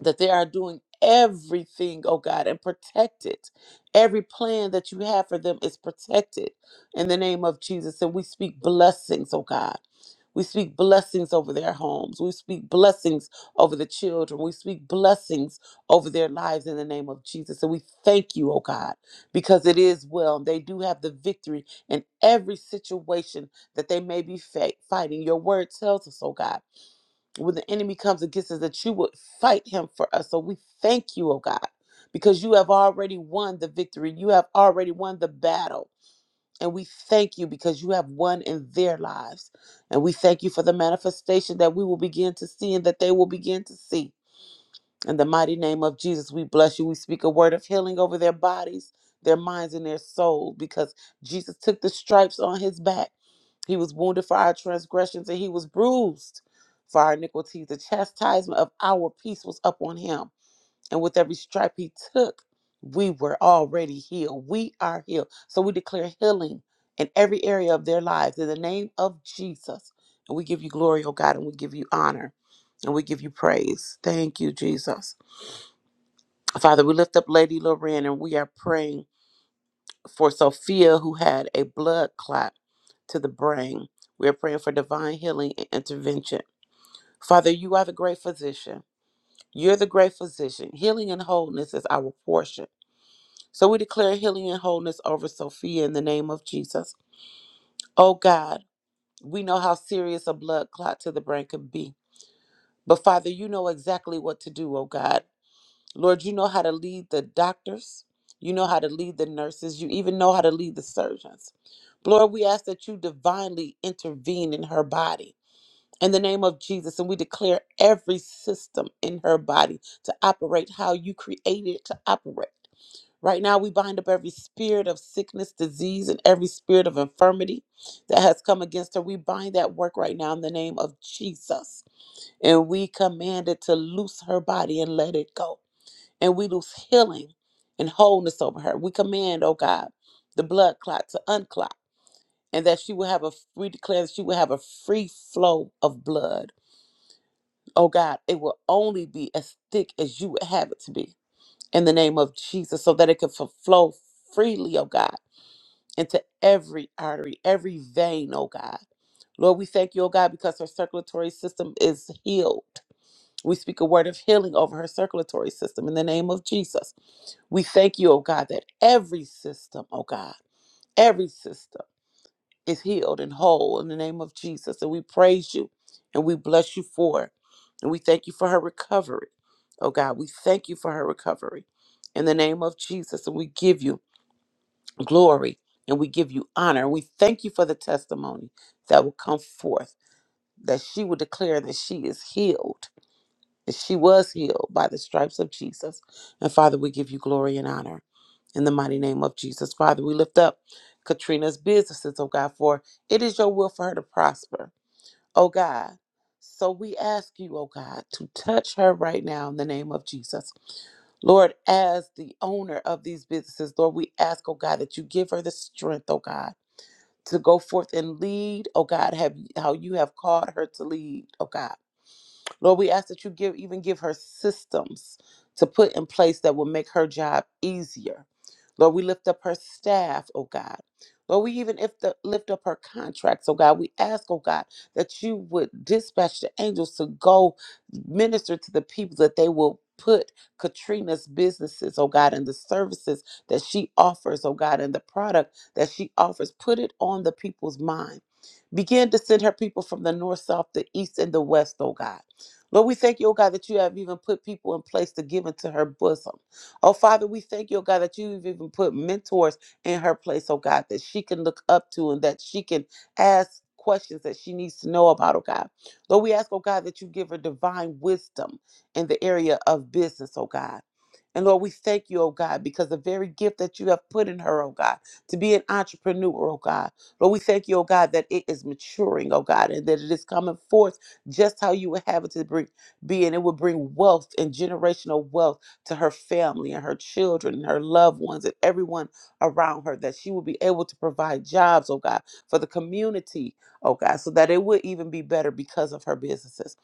Speaker 5: that they are doing everything, oh God, and protect it. Every plan that you have for them is protected in the name of Jesus. And we speak blessings, oh God. We speak blessings over their homes. We speak blessings over the children. We speak blessings over their lives in the name of Jesus. And we thank you, oh God, because it is well. They do have the victory in every situation that they may be fa- fighting. Your word tells us, oh God when the enemy comes against us that you would fight him for us. So we thank you, oh God, because you have already won the victory. You have already won the battle. And we thank you because you have won in their lives. And we thank you for the manifestation that we will begin to see and that they will begin to see. In the mighty name of Jesus, we bless you. We speak a word of healing over their bodies, their minds, and their soul because Jesus took the stripes on his back he was wounded for our transgressions and he was bruised for our iniquities. The chastisement of our peace was upon him. And with every stripe he took, we were already healed. We are healed. So we declare healing in every area of their lives in the name of Jesus. And we give you glory, oh God, and we give you honor and we give you praise. Thank you, Jesus. Father, we lift up Lady Lorraine and we are praying for Sophia, who had a blood clot to the brain. We are praying for divine healing and intervention. Father, you are the great physician. You're the great physician. Healing and wholeness is our portion. So we declare healing and wholeness over Sophia in the name of Jesus. Oh God, we know how serious a blood clot to the brain can be. But Father, you know exactly what to do, oh God. Lord, you know how to lead the doctors. You know how to lead the nurses. You even know how to lead the surgeons. Lord, we ask that you divinely intervene in her body in the name of Jesus. And we declare every system in her body to operate how you created it to operate. Right now, we bind up every spirit of sickness, disease, and every spirit of infirmity that has come against her. We bind that work right now in the name of Jesus. And we command it to loose her body and let it go. And we loose healing and wholeness over her. We command, oh God, the blood clot to unclot and that she will have a we declare that she will have a free flow of blood. Oh God, it will only be as thick as you would have it to be in the name of Jesus, so that it can f- flow freely, oh God, into every artery, every vein, oh God. Lord, we thank you, oh God, because her circulatory system is healed. We speak a word of healing over her circulatory system in the name of Jesus. We thank you, oh God, that every system, oh God, every system. is healed and whole in the name of Jesus. And we praise you and we bless you for it. And we thank you for her recovery. Oh God, we thank you for her recovery in the name of Jesus. And we give you glory and we give you honor. And we thank you for the testimony that will come forth that she will declare that she is healed and she was healed by the stripes of Jesus. And Father, we give you glory and honor in the mighty name of Jesus. Father, we lift up Katrina's businesses, oh God, for it is your will for her to prosper, oh God. So we ask you, oh God, to touch her right now in the name of Jesus. Lord, as the owner of these businesses, Lord, we ask, oh God, that you give her the strength, oh God, to go forth and lead, oh God, have how you have called her to lead, oh God. Lord, we ask that you give even give her systems to put in place that will make her job easier. Lord, we lift up her staff, oh God. Lord, we even if the, lift up her contracts, oh God. We ask, oh God, that you would dispatch the angels to go minister to the people that they will put Katrina's businesses, oh God, and the services that she offers, oh God, and the product that she offers. Put it on the people's mind. Begin to send her people from the north, south, the east, and the west, oh God. Lord, we thank you, oh God, that you have even put people in place to give into her bosom. Oh Father, we thank you, oh God, that you've even put mentors in her place, oh God, that she can look up to and that she can ask questions that she needs to know about, oh God. Lord, we ask, oh God, that you give her divine wisdom in the area of business, oh God. And Lord, we thank you, oh God, because the very gift that you have put in her, oh God, to be an entrepreneur, oh God. Lord, we thank you, oh God, that it is maturing, oh God, and that it is coming forth just how you would have it to bring, be. And it would bring wealth and generational wealth to her family and her children and her loved ones and everyone around her, that she would be able to provide jobs, oh God, for the community, oh God, so that it would even be better because of her businesses.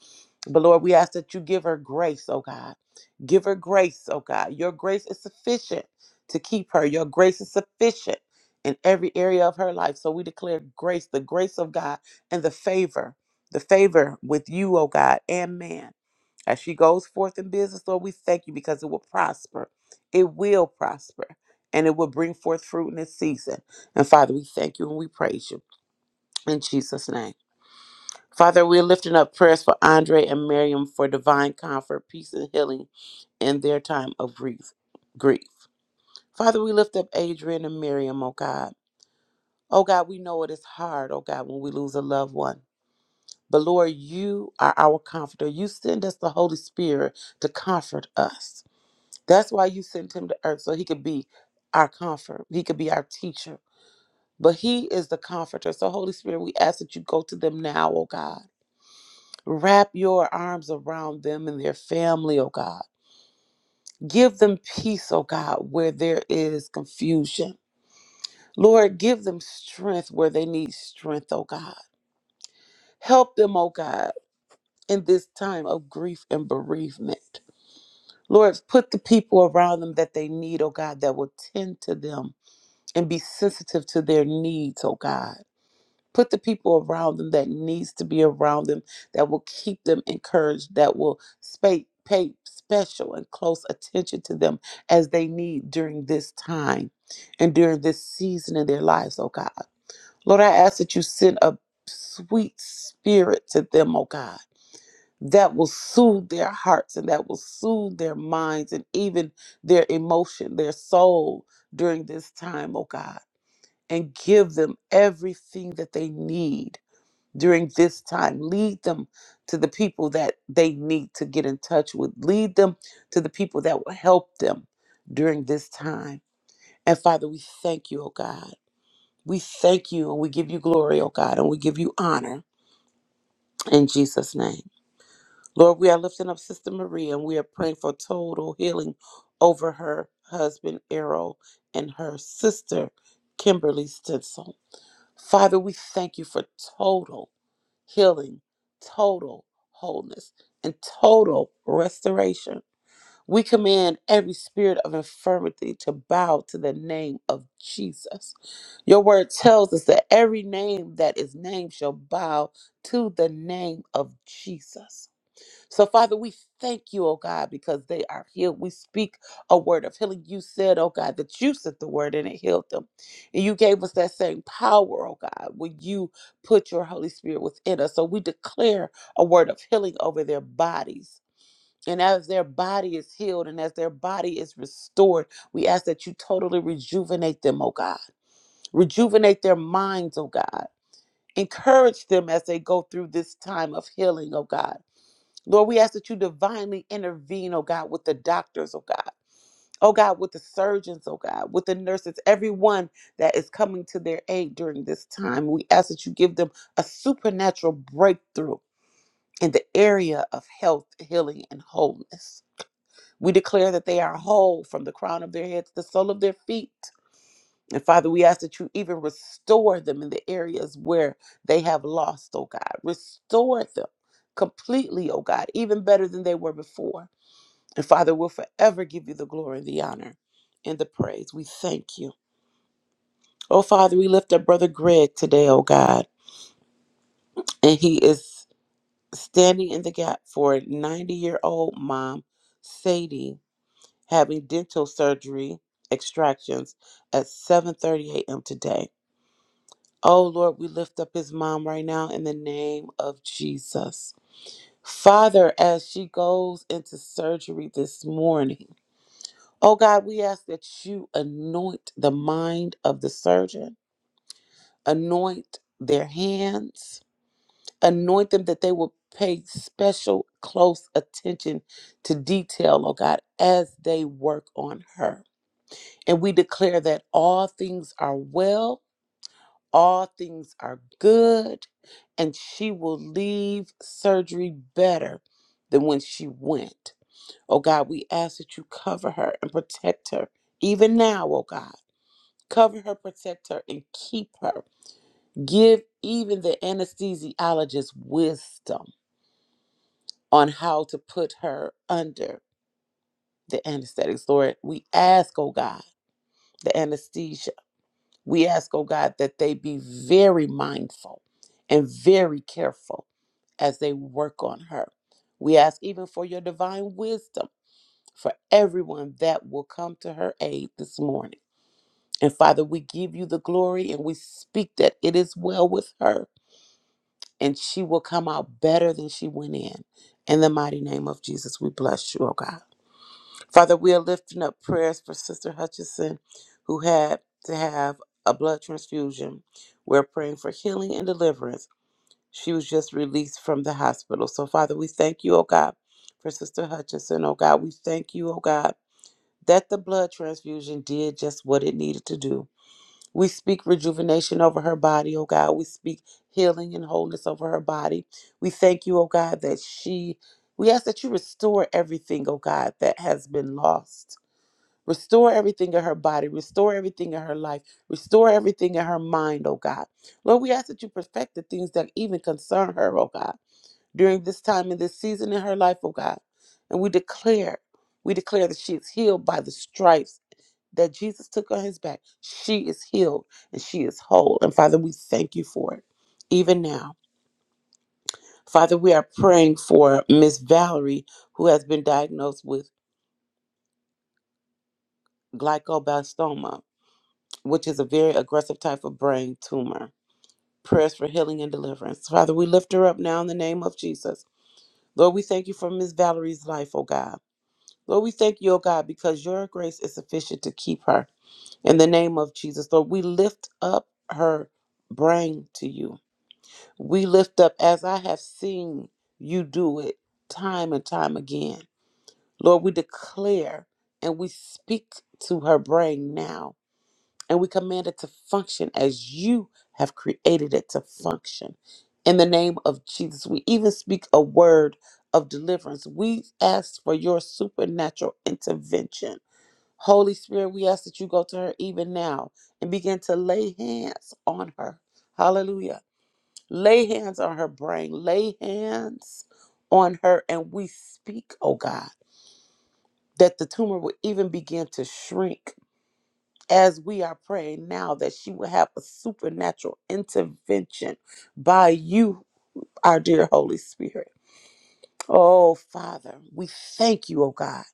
Speaker 5: But Lord, we ask that you give her grace, oh God. Give her grace, oh God. Your grace is sufficient to keep her. Your grace is sufficient in every area of her life. So we declare grace, the grace of God and the favor the favor with you, O God, and man. As she goes forth in business, Lord, we thank you because it will prosper. It will prosper and it will bring forth fruit in its season. And Father, we thank you and we praise you in Jesus' name. Father, we're lifting up prayers for Andre and Miriam for divine comfort, peace, and healing in their time of grief. grief. Father, we lift up Adrian and Miriam, oh God. Oh God, we know it is hard, oh God, when we lose a loved one. But Lord, you are our comforter. You send us the Holy Spirit to comfort us. That's why you sent him to earth, so he could be our comfort. He could be our teacher. But he is the comforter. So, Holy Spirit, we ask that you go to them now, oh God. Wrap your arms around them and their family, oh God. Give them peace, oh God, where there is confusion. Lord, give them strength where they need strength, oh God. Help them, oh God, in this time of grief and bereavement. Lord, put the people around them that they need, oh God, that will tend to them and be sensitive to their needs, oh God. Put the people around them that needs to be around them, that will keep them encouraged, that will spa- pay special and close attention to them as they need during this time and during this season in their lives, oh God. Lord, I ask that you send a sweet spirit to them, oh God that will soothe their hearts and that will soothe their minds and even their emotion, their soul during this time, oh God, and give them everything that they need during this time. Lead them to the people that they need to get in touch with, lead them to the people that will help them during this time. And Father, we thank you, oh God. We thank you and we give you glory, oh God, and we give you honor in Jesus' name. Lord, we are lifting up Sister Maria and we are praying for total healing over her husband, Errol, and her sister, Kimberly Stinson. Father, we thank you for total healing, total wholeness, and total restoration. We command every spirit of infirmity to bow to the name of Jesus. Your word tells us that every name that is named shall bow to the name of Jesus. So, Father, we thank you, oh God, because they are healed. We speak a word of healing. You said, oh God, that you sent the word and it healed them. And you gave us that same power, oh God, when you put your Holy Spirit within us. So we declare a word of healing over their bodies. And as their body is healed and as their body is restored, we ask that you totally rejuvenate them, oh God. Rejuvenate their minds, oh God. Encourage them as they go through this time of healing, oh God Lord, we ask that you divinely intervene, oh God, with the doctors, oh God. Oh God, with the surgeons, oh God, with the nurses, everyone that is coming to their aid during this time. We ask that you give them a supernatural breakthrough in the area of health, healing, and wholeness. We declare that they are whole from the crown of their head to the sole of their feet. And Father, we ask that you even restore them in the areas where they have lost, oh God. Restore them completely, oh God, even better than they were before. And Father, we'll forever give you the glory, the honor, and the praise. We thank you. Oh, Father, we lift up Brother Greg today, oh God. And he is standing in the gap for 90 year old mom, Sadie, having dental surgery extractions at 7.30 a.m. today. Oh, Lord, we lift up his mom right now in the name of Jesus. Father, as she goes into surgery this morning, Oh God, we ask that you anoint the mind of the surgeon, anoint their hands, anoint them that they will pay special close attention to detail, oh God, as they work on her. And we declare that all things are well, all things are good, and she will leave surgery better than when she went. Oh God, we ask that you cover her and protect her, even now, oh God. Cover her, protect her, and keep her. Give even the anesthesiologist wisdom on how to put her under the anesthetics. Lord, we ask, oh God, the anesthesia. We ask, oh God, that they be very mindful and very careful as they work on her. We ask even for your divine wisdom for everyone that will come to her aid this morning. And Father, we give you the glory and we speak that it is well with her and she will come out better than she went in. In the mighty name of Jesus, we bless you, oh God. Father, we are lifting up prayers for Sister Hutchison, who had to have a blood transfusion. We're praying for healing and deliverance. She was just released from the hospital. So, Father, we thank you, oh God, for Sister Hutchison, oh God. We thank you, oh God, that the blood transfusion did just what it needed to do we speak rejuvenation over her body, oh God. We speak healing and wholeness over her body. We thank you, oh God, that she, we ask that you restore everything, oh God, that has been lost. Restore everything in her body, restore everything in her life, restore everything in her mind, oh God. Lord, we ask that you perfect the things that even concern her, oh God, during this time and this season in her life, oh God. And we declare, we declare that she is healed by the stripes that Jesus took on his back, she is healed and she is whole. And Father, we thank you for it, even now. Father, we are praying for Miss Valerie, who has been diagnosed with glioblastoma, which is a very aggressive type of brain tumor. Prayers for healing and deliverance. Father, we lift her up now in the name of Jesus. Lord, we thank you for Miss Valerie's life, oh God. Lord, we thank you, oh God, because your grace is sufficient to keep her. In the name of Jesus, Lord, we lift up her brain to you. We lift up as I have seen you do it time and time again. Lord, we declare and we speak to her brain now and we command it to function as you have created it to function. In the name of Jesus, we even speak a word of deliverance. We ask for your supernatural intervention. Holy Spirit, we ask that you go to her even now and begin to lay hands on her. Hallelujah Lay hands on her brain. Lay hands on her. And we speak, oh God, that the tumor will even begin to shrink as we are praying now that she will have a supernatural intervention by you, our dear Holy Spirit. Oh, Father, we thank you, oh God,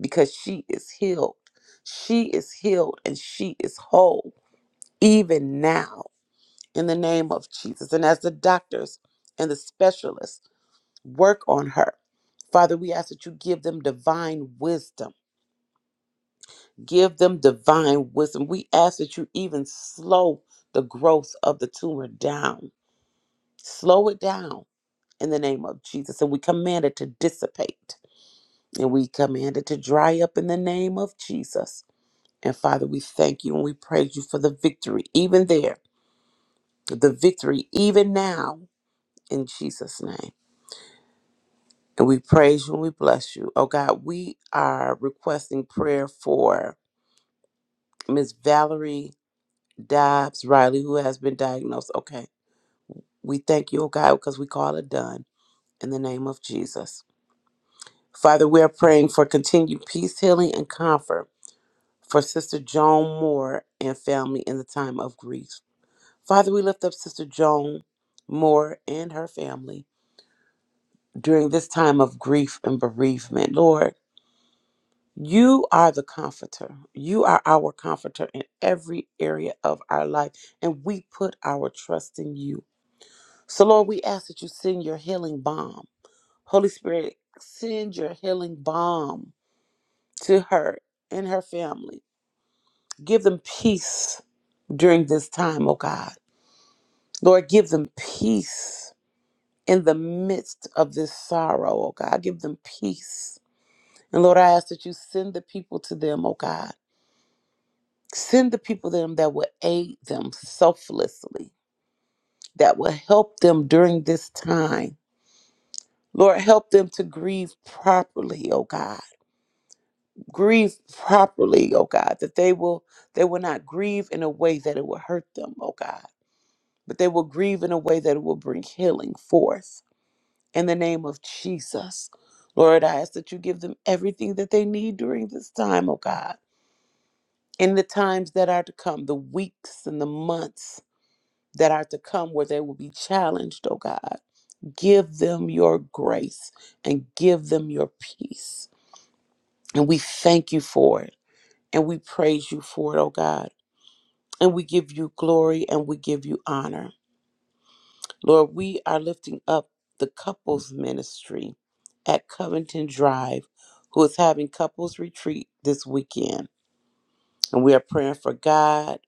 Speaker 5: because she is healed. She is healed and she is whole, even now, in the name of Jesus. And as the doctors and the specialists, Work on her. Father, we ask that you give them divine wisdom. Give them divine wisdom. We ask that you even slow the growth of the tumor down. Slow it down in the name of Jesus. And we command it to dissipate. And we command it to dry up in the name of Jesus. And Father, we thank you and we praise you for the victory, even there, the victory, even now, in Jesus' name. And we praise you and we bless you. Oh God, we are requesting prayer for Miss Valerie Dobbs Riley, who has been diagnosed. Okay. We thank you, oh God, because we call it done in the name of Jesus. Father, we are praying for continued peace, healing, and comfort for Sister Joan Moore and family in the time of grief. Father, we lift up Sister Joan Moore and her family during this time of grief and bereavement. Lord, You are the comforter. You are our comforter in every area of our life, and we put our trust in you. So, Lord, we ask that you send your healing balm. Holy Spirit, send your healing balm to her and her family. Give them peace during this time, oh God. Lord, give them peace in the midst of this sorrow, oh God. Give them peace. And Lord, I ask that you send the people to them, oh God Send the people to them that will aid them selflessly, that will help them during this time. Lord, help them to grieve properly, oh God. Grieve properly, oh God, that they will they will not grieve in a way that it will hurt them, oh God, but they will grieve in a way that it will bring healing forth. In the name of Jesus. Lord, I ask that you give them everything that they need during this time, oh God. In the times that are to come, the weeks and the months that are to come where they will be challenged, oh God. Give them your grace and give them your peace. And we thank you for it and we praise you for it, oh God. And we give you glory and we give you honor. Lord, we are lifting up the couples ministry at Covington Drive, who is having couples retreat this weekend. And we are praying for God,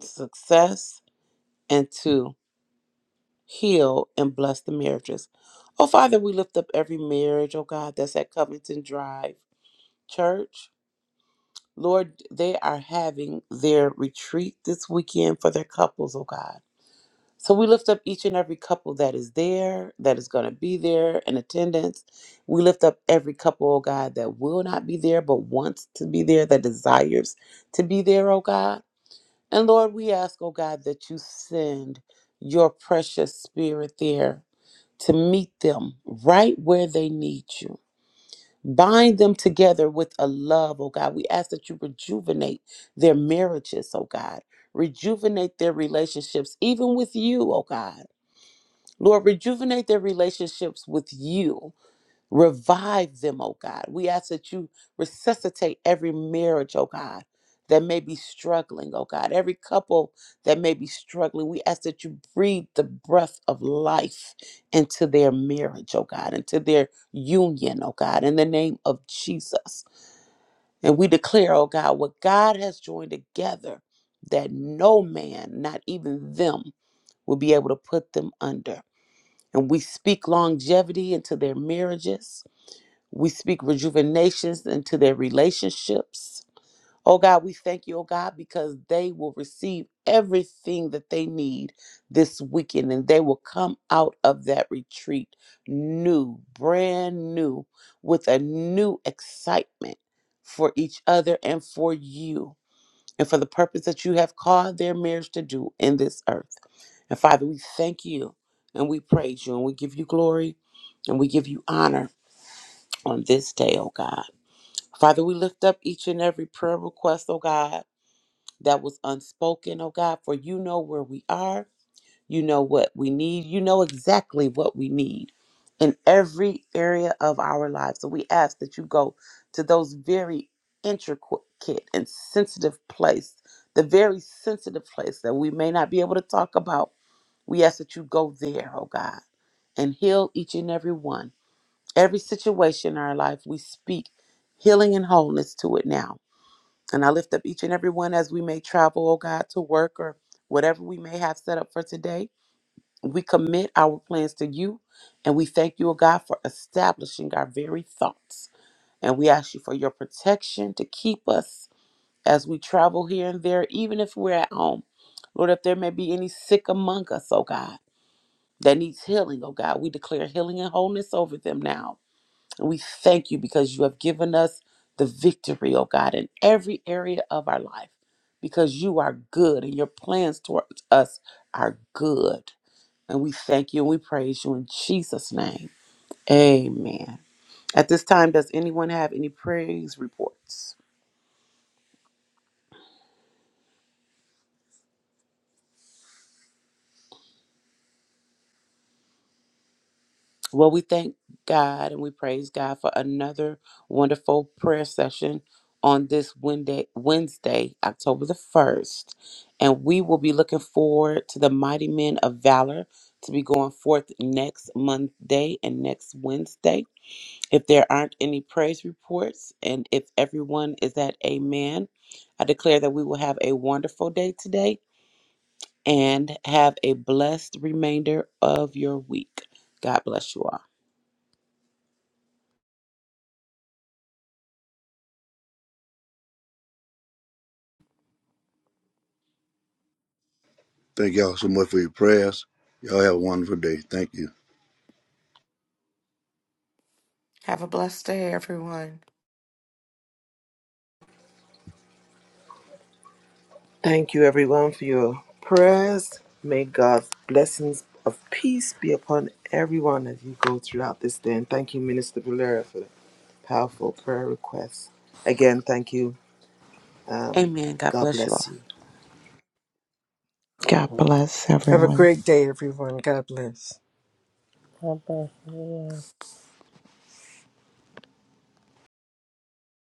Speaker 5: success, and to. heal, and bless the marriages. Oh, Father, we lift up every marriage, oh God, that's at Covington Drive Church. Lord, they are having their retreat this weekend for their couples, oh God. So we lift up each and every couple that is there, that is going to be there in attendance. We lift up every couple, oh God, that will not be there but wants to be there, that desires to be there, oh God. And Lord, we ask, oh God, that you send your precious spirit there to meet them right where they need you. Bind them together with a love, oh God. We ask that you rejuvenate their marriages, oh God. Rejuvenate their relationships, even with you, oh God. Lord, rejuvenate their relationships with you Revive them, oh God. We ask that you resuscitate every marriage, oh God, that may be struggling, oh God. Every couple that may be struggling, we ask that you breathe the breath of life into their marriage, oh God, into their union, oh God, in the name of Jesus. And we declare, oh God, what God has joined together, that no man, not even them, will be able to put them under. And we speak longevity into their marriages. We speak rejuvenations into their relationships. Oh God, we thank you, oh God, because they will receive everything that they need this weekend and they will come out of that retreat new, brand new, with a new excitement for each other and for you and for the purpose that you have called their marriage to do in this earth. And Father, we thank you and we praise you and we give you glory and we give you honor on this day, oh God. Father, we lift up each and every prayer request, oh God, that was unspoken, oh God, for you know where we are. You know what we need. You know exactly what we need in every area of our lives. So we ask that you go to those very intricate and sensitive place, the very sensitive place that we may not be able to talk about. We ask that you go there, oh God, and heal each and every one. Every situation in our life, we speak healing and wholeness to it now and I lift up each and every one as we may travel, oh God, to work or whatever we may have set up for today. We commit our plans to you and we thank you, oh God, for establishing our very thoughts. And we ask you for your protection to keep us as we travel here and there, even if we're at home. Lord, if there may be any sick among us, oh God, that needs healing, oh God, we declare healing and wholeness over them now. And we thank you because you have given us the victory, oh God, in every area of our life because you are good and your plans towards us are good. And we thank you and we praise you in Jesus' name. Amen. At this time, does anyone have any praise reports? Well, we thank God and we praise God for another wonderful prayer session on this Wednesday, Wednesday, October the 1st. And we will be looking forward to the mighty men of valor to be going forth next Monday and next Wednesday. If there aren't any praise reports and if everyone is at amen, I declare that we will have a wonderful day today and have a blessed remainder of your week. God bless you all.
Speaker 6: Thank y'all so much for your prayers. Y'all have a wonderful day. Thank you.
Speaker 2: Have a blessed day, everyone.
Speaker 1: Thank you, everyone, for your prayers. May God's blessings of peace be upon everyone as you go throughout this day. And thank you, Minister Valera, for the powerful prayer requests. Again, thank you. Um,
Speaker 5: Amen. God
Speaker 1: God
Speaker 5: bless you all.
Speaker 1: bless you.
Speaker 7: God bless
Speaker 3: Have a
Speaker 7: everyone.
Speaker 3: great day, everyone. God bless.
Speaker 8: God bless everyone.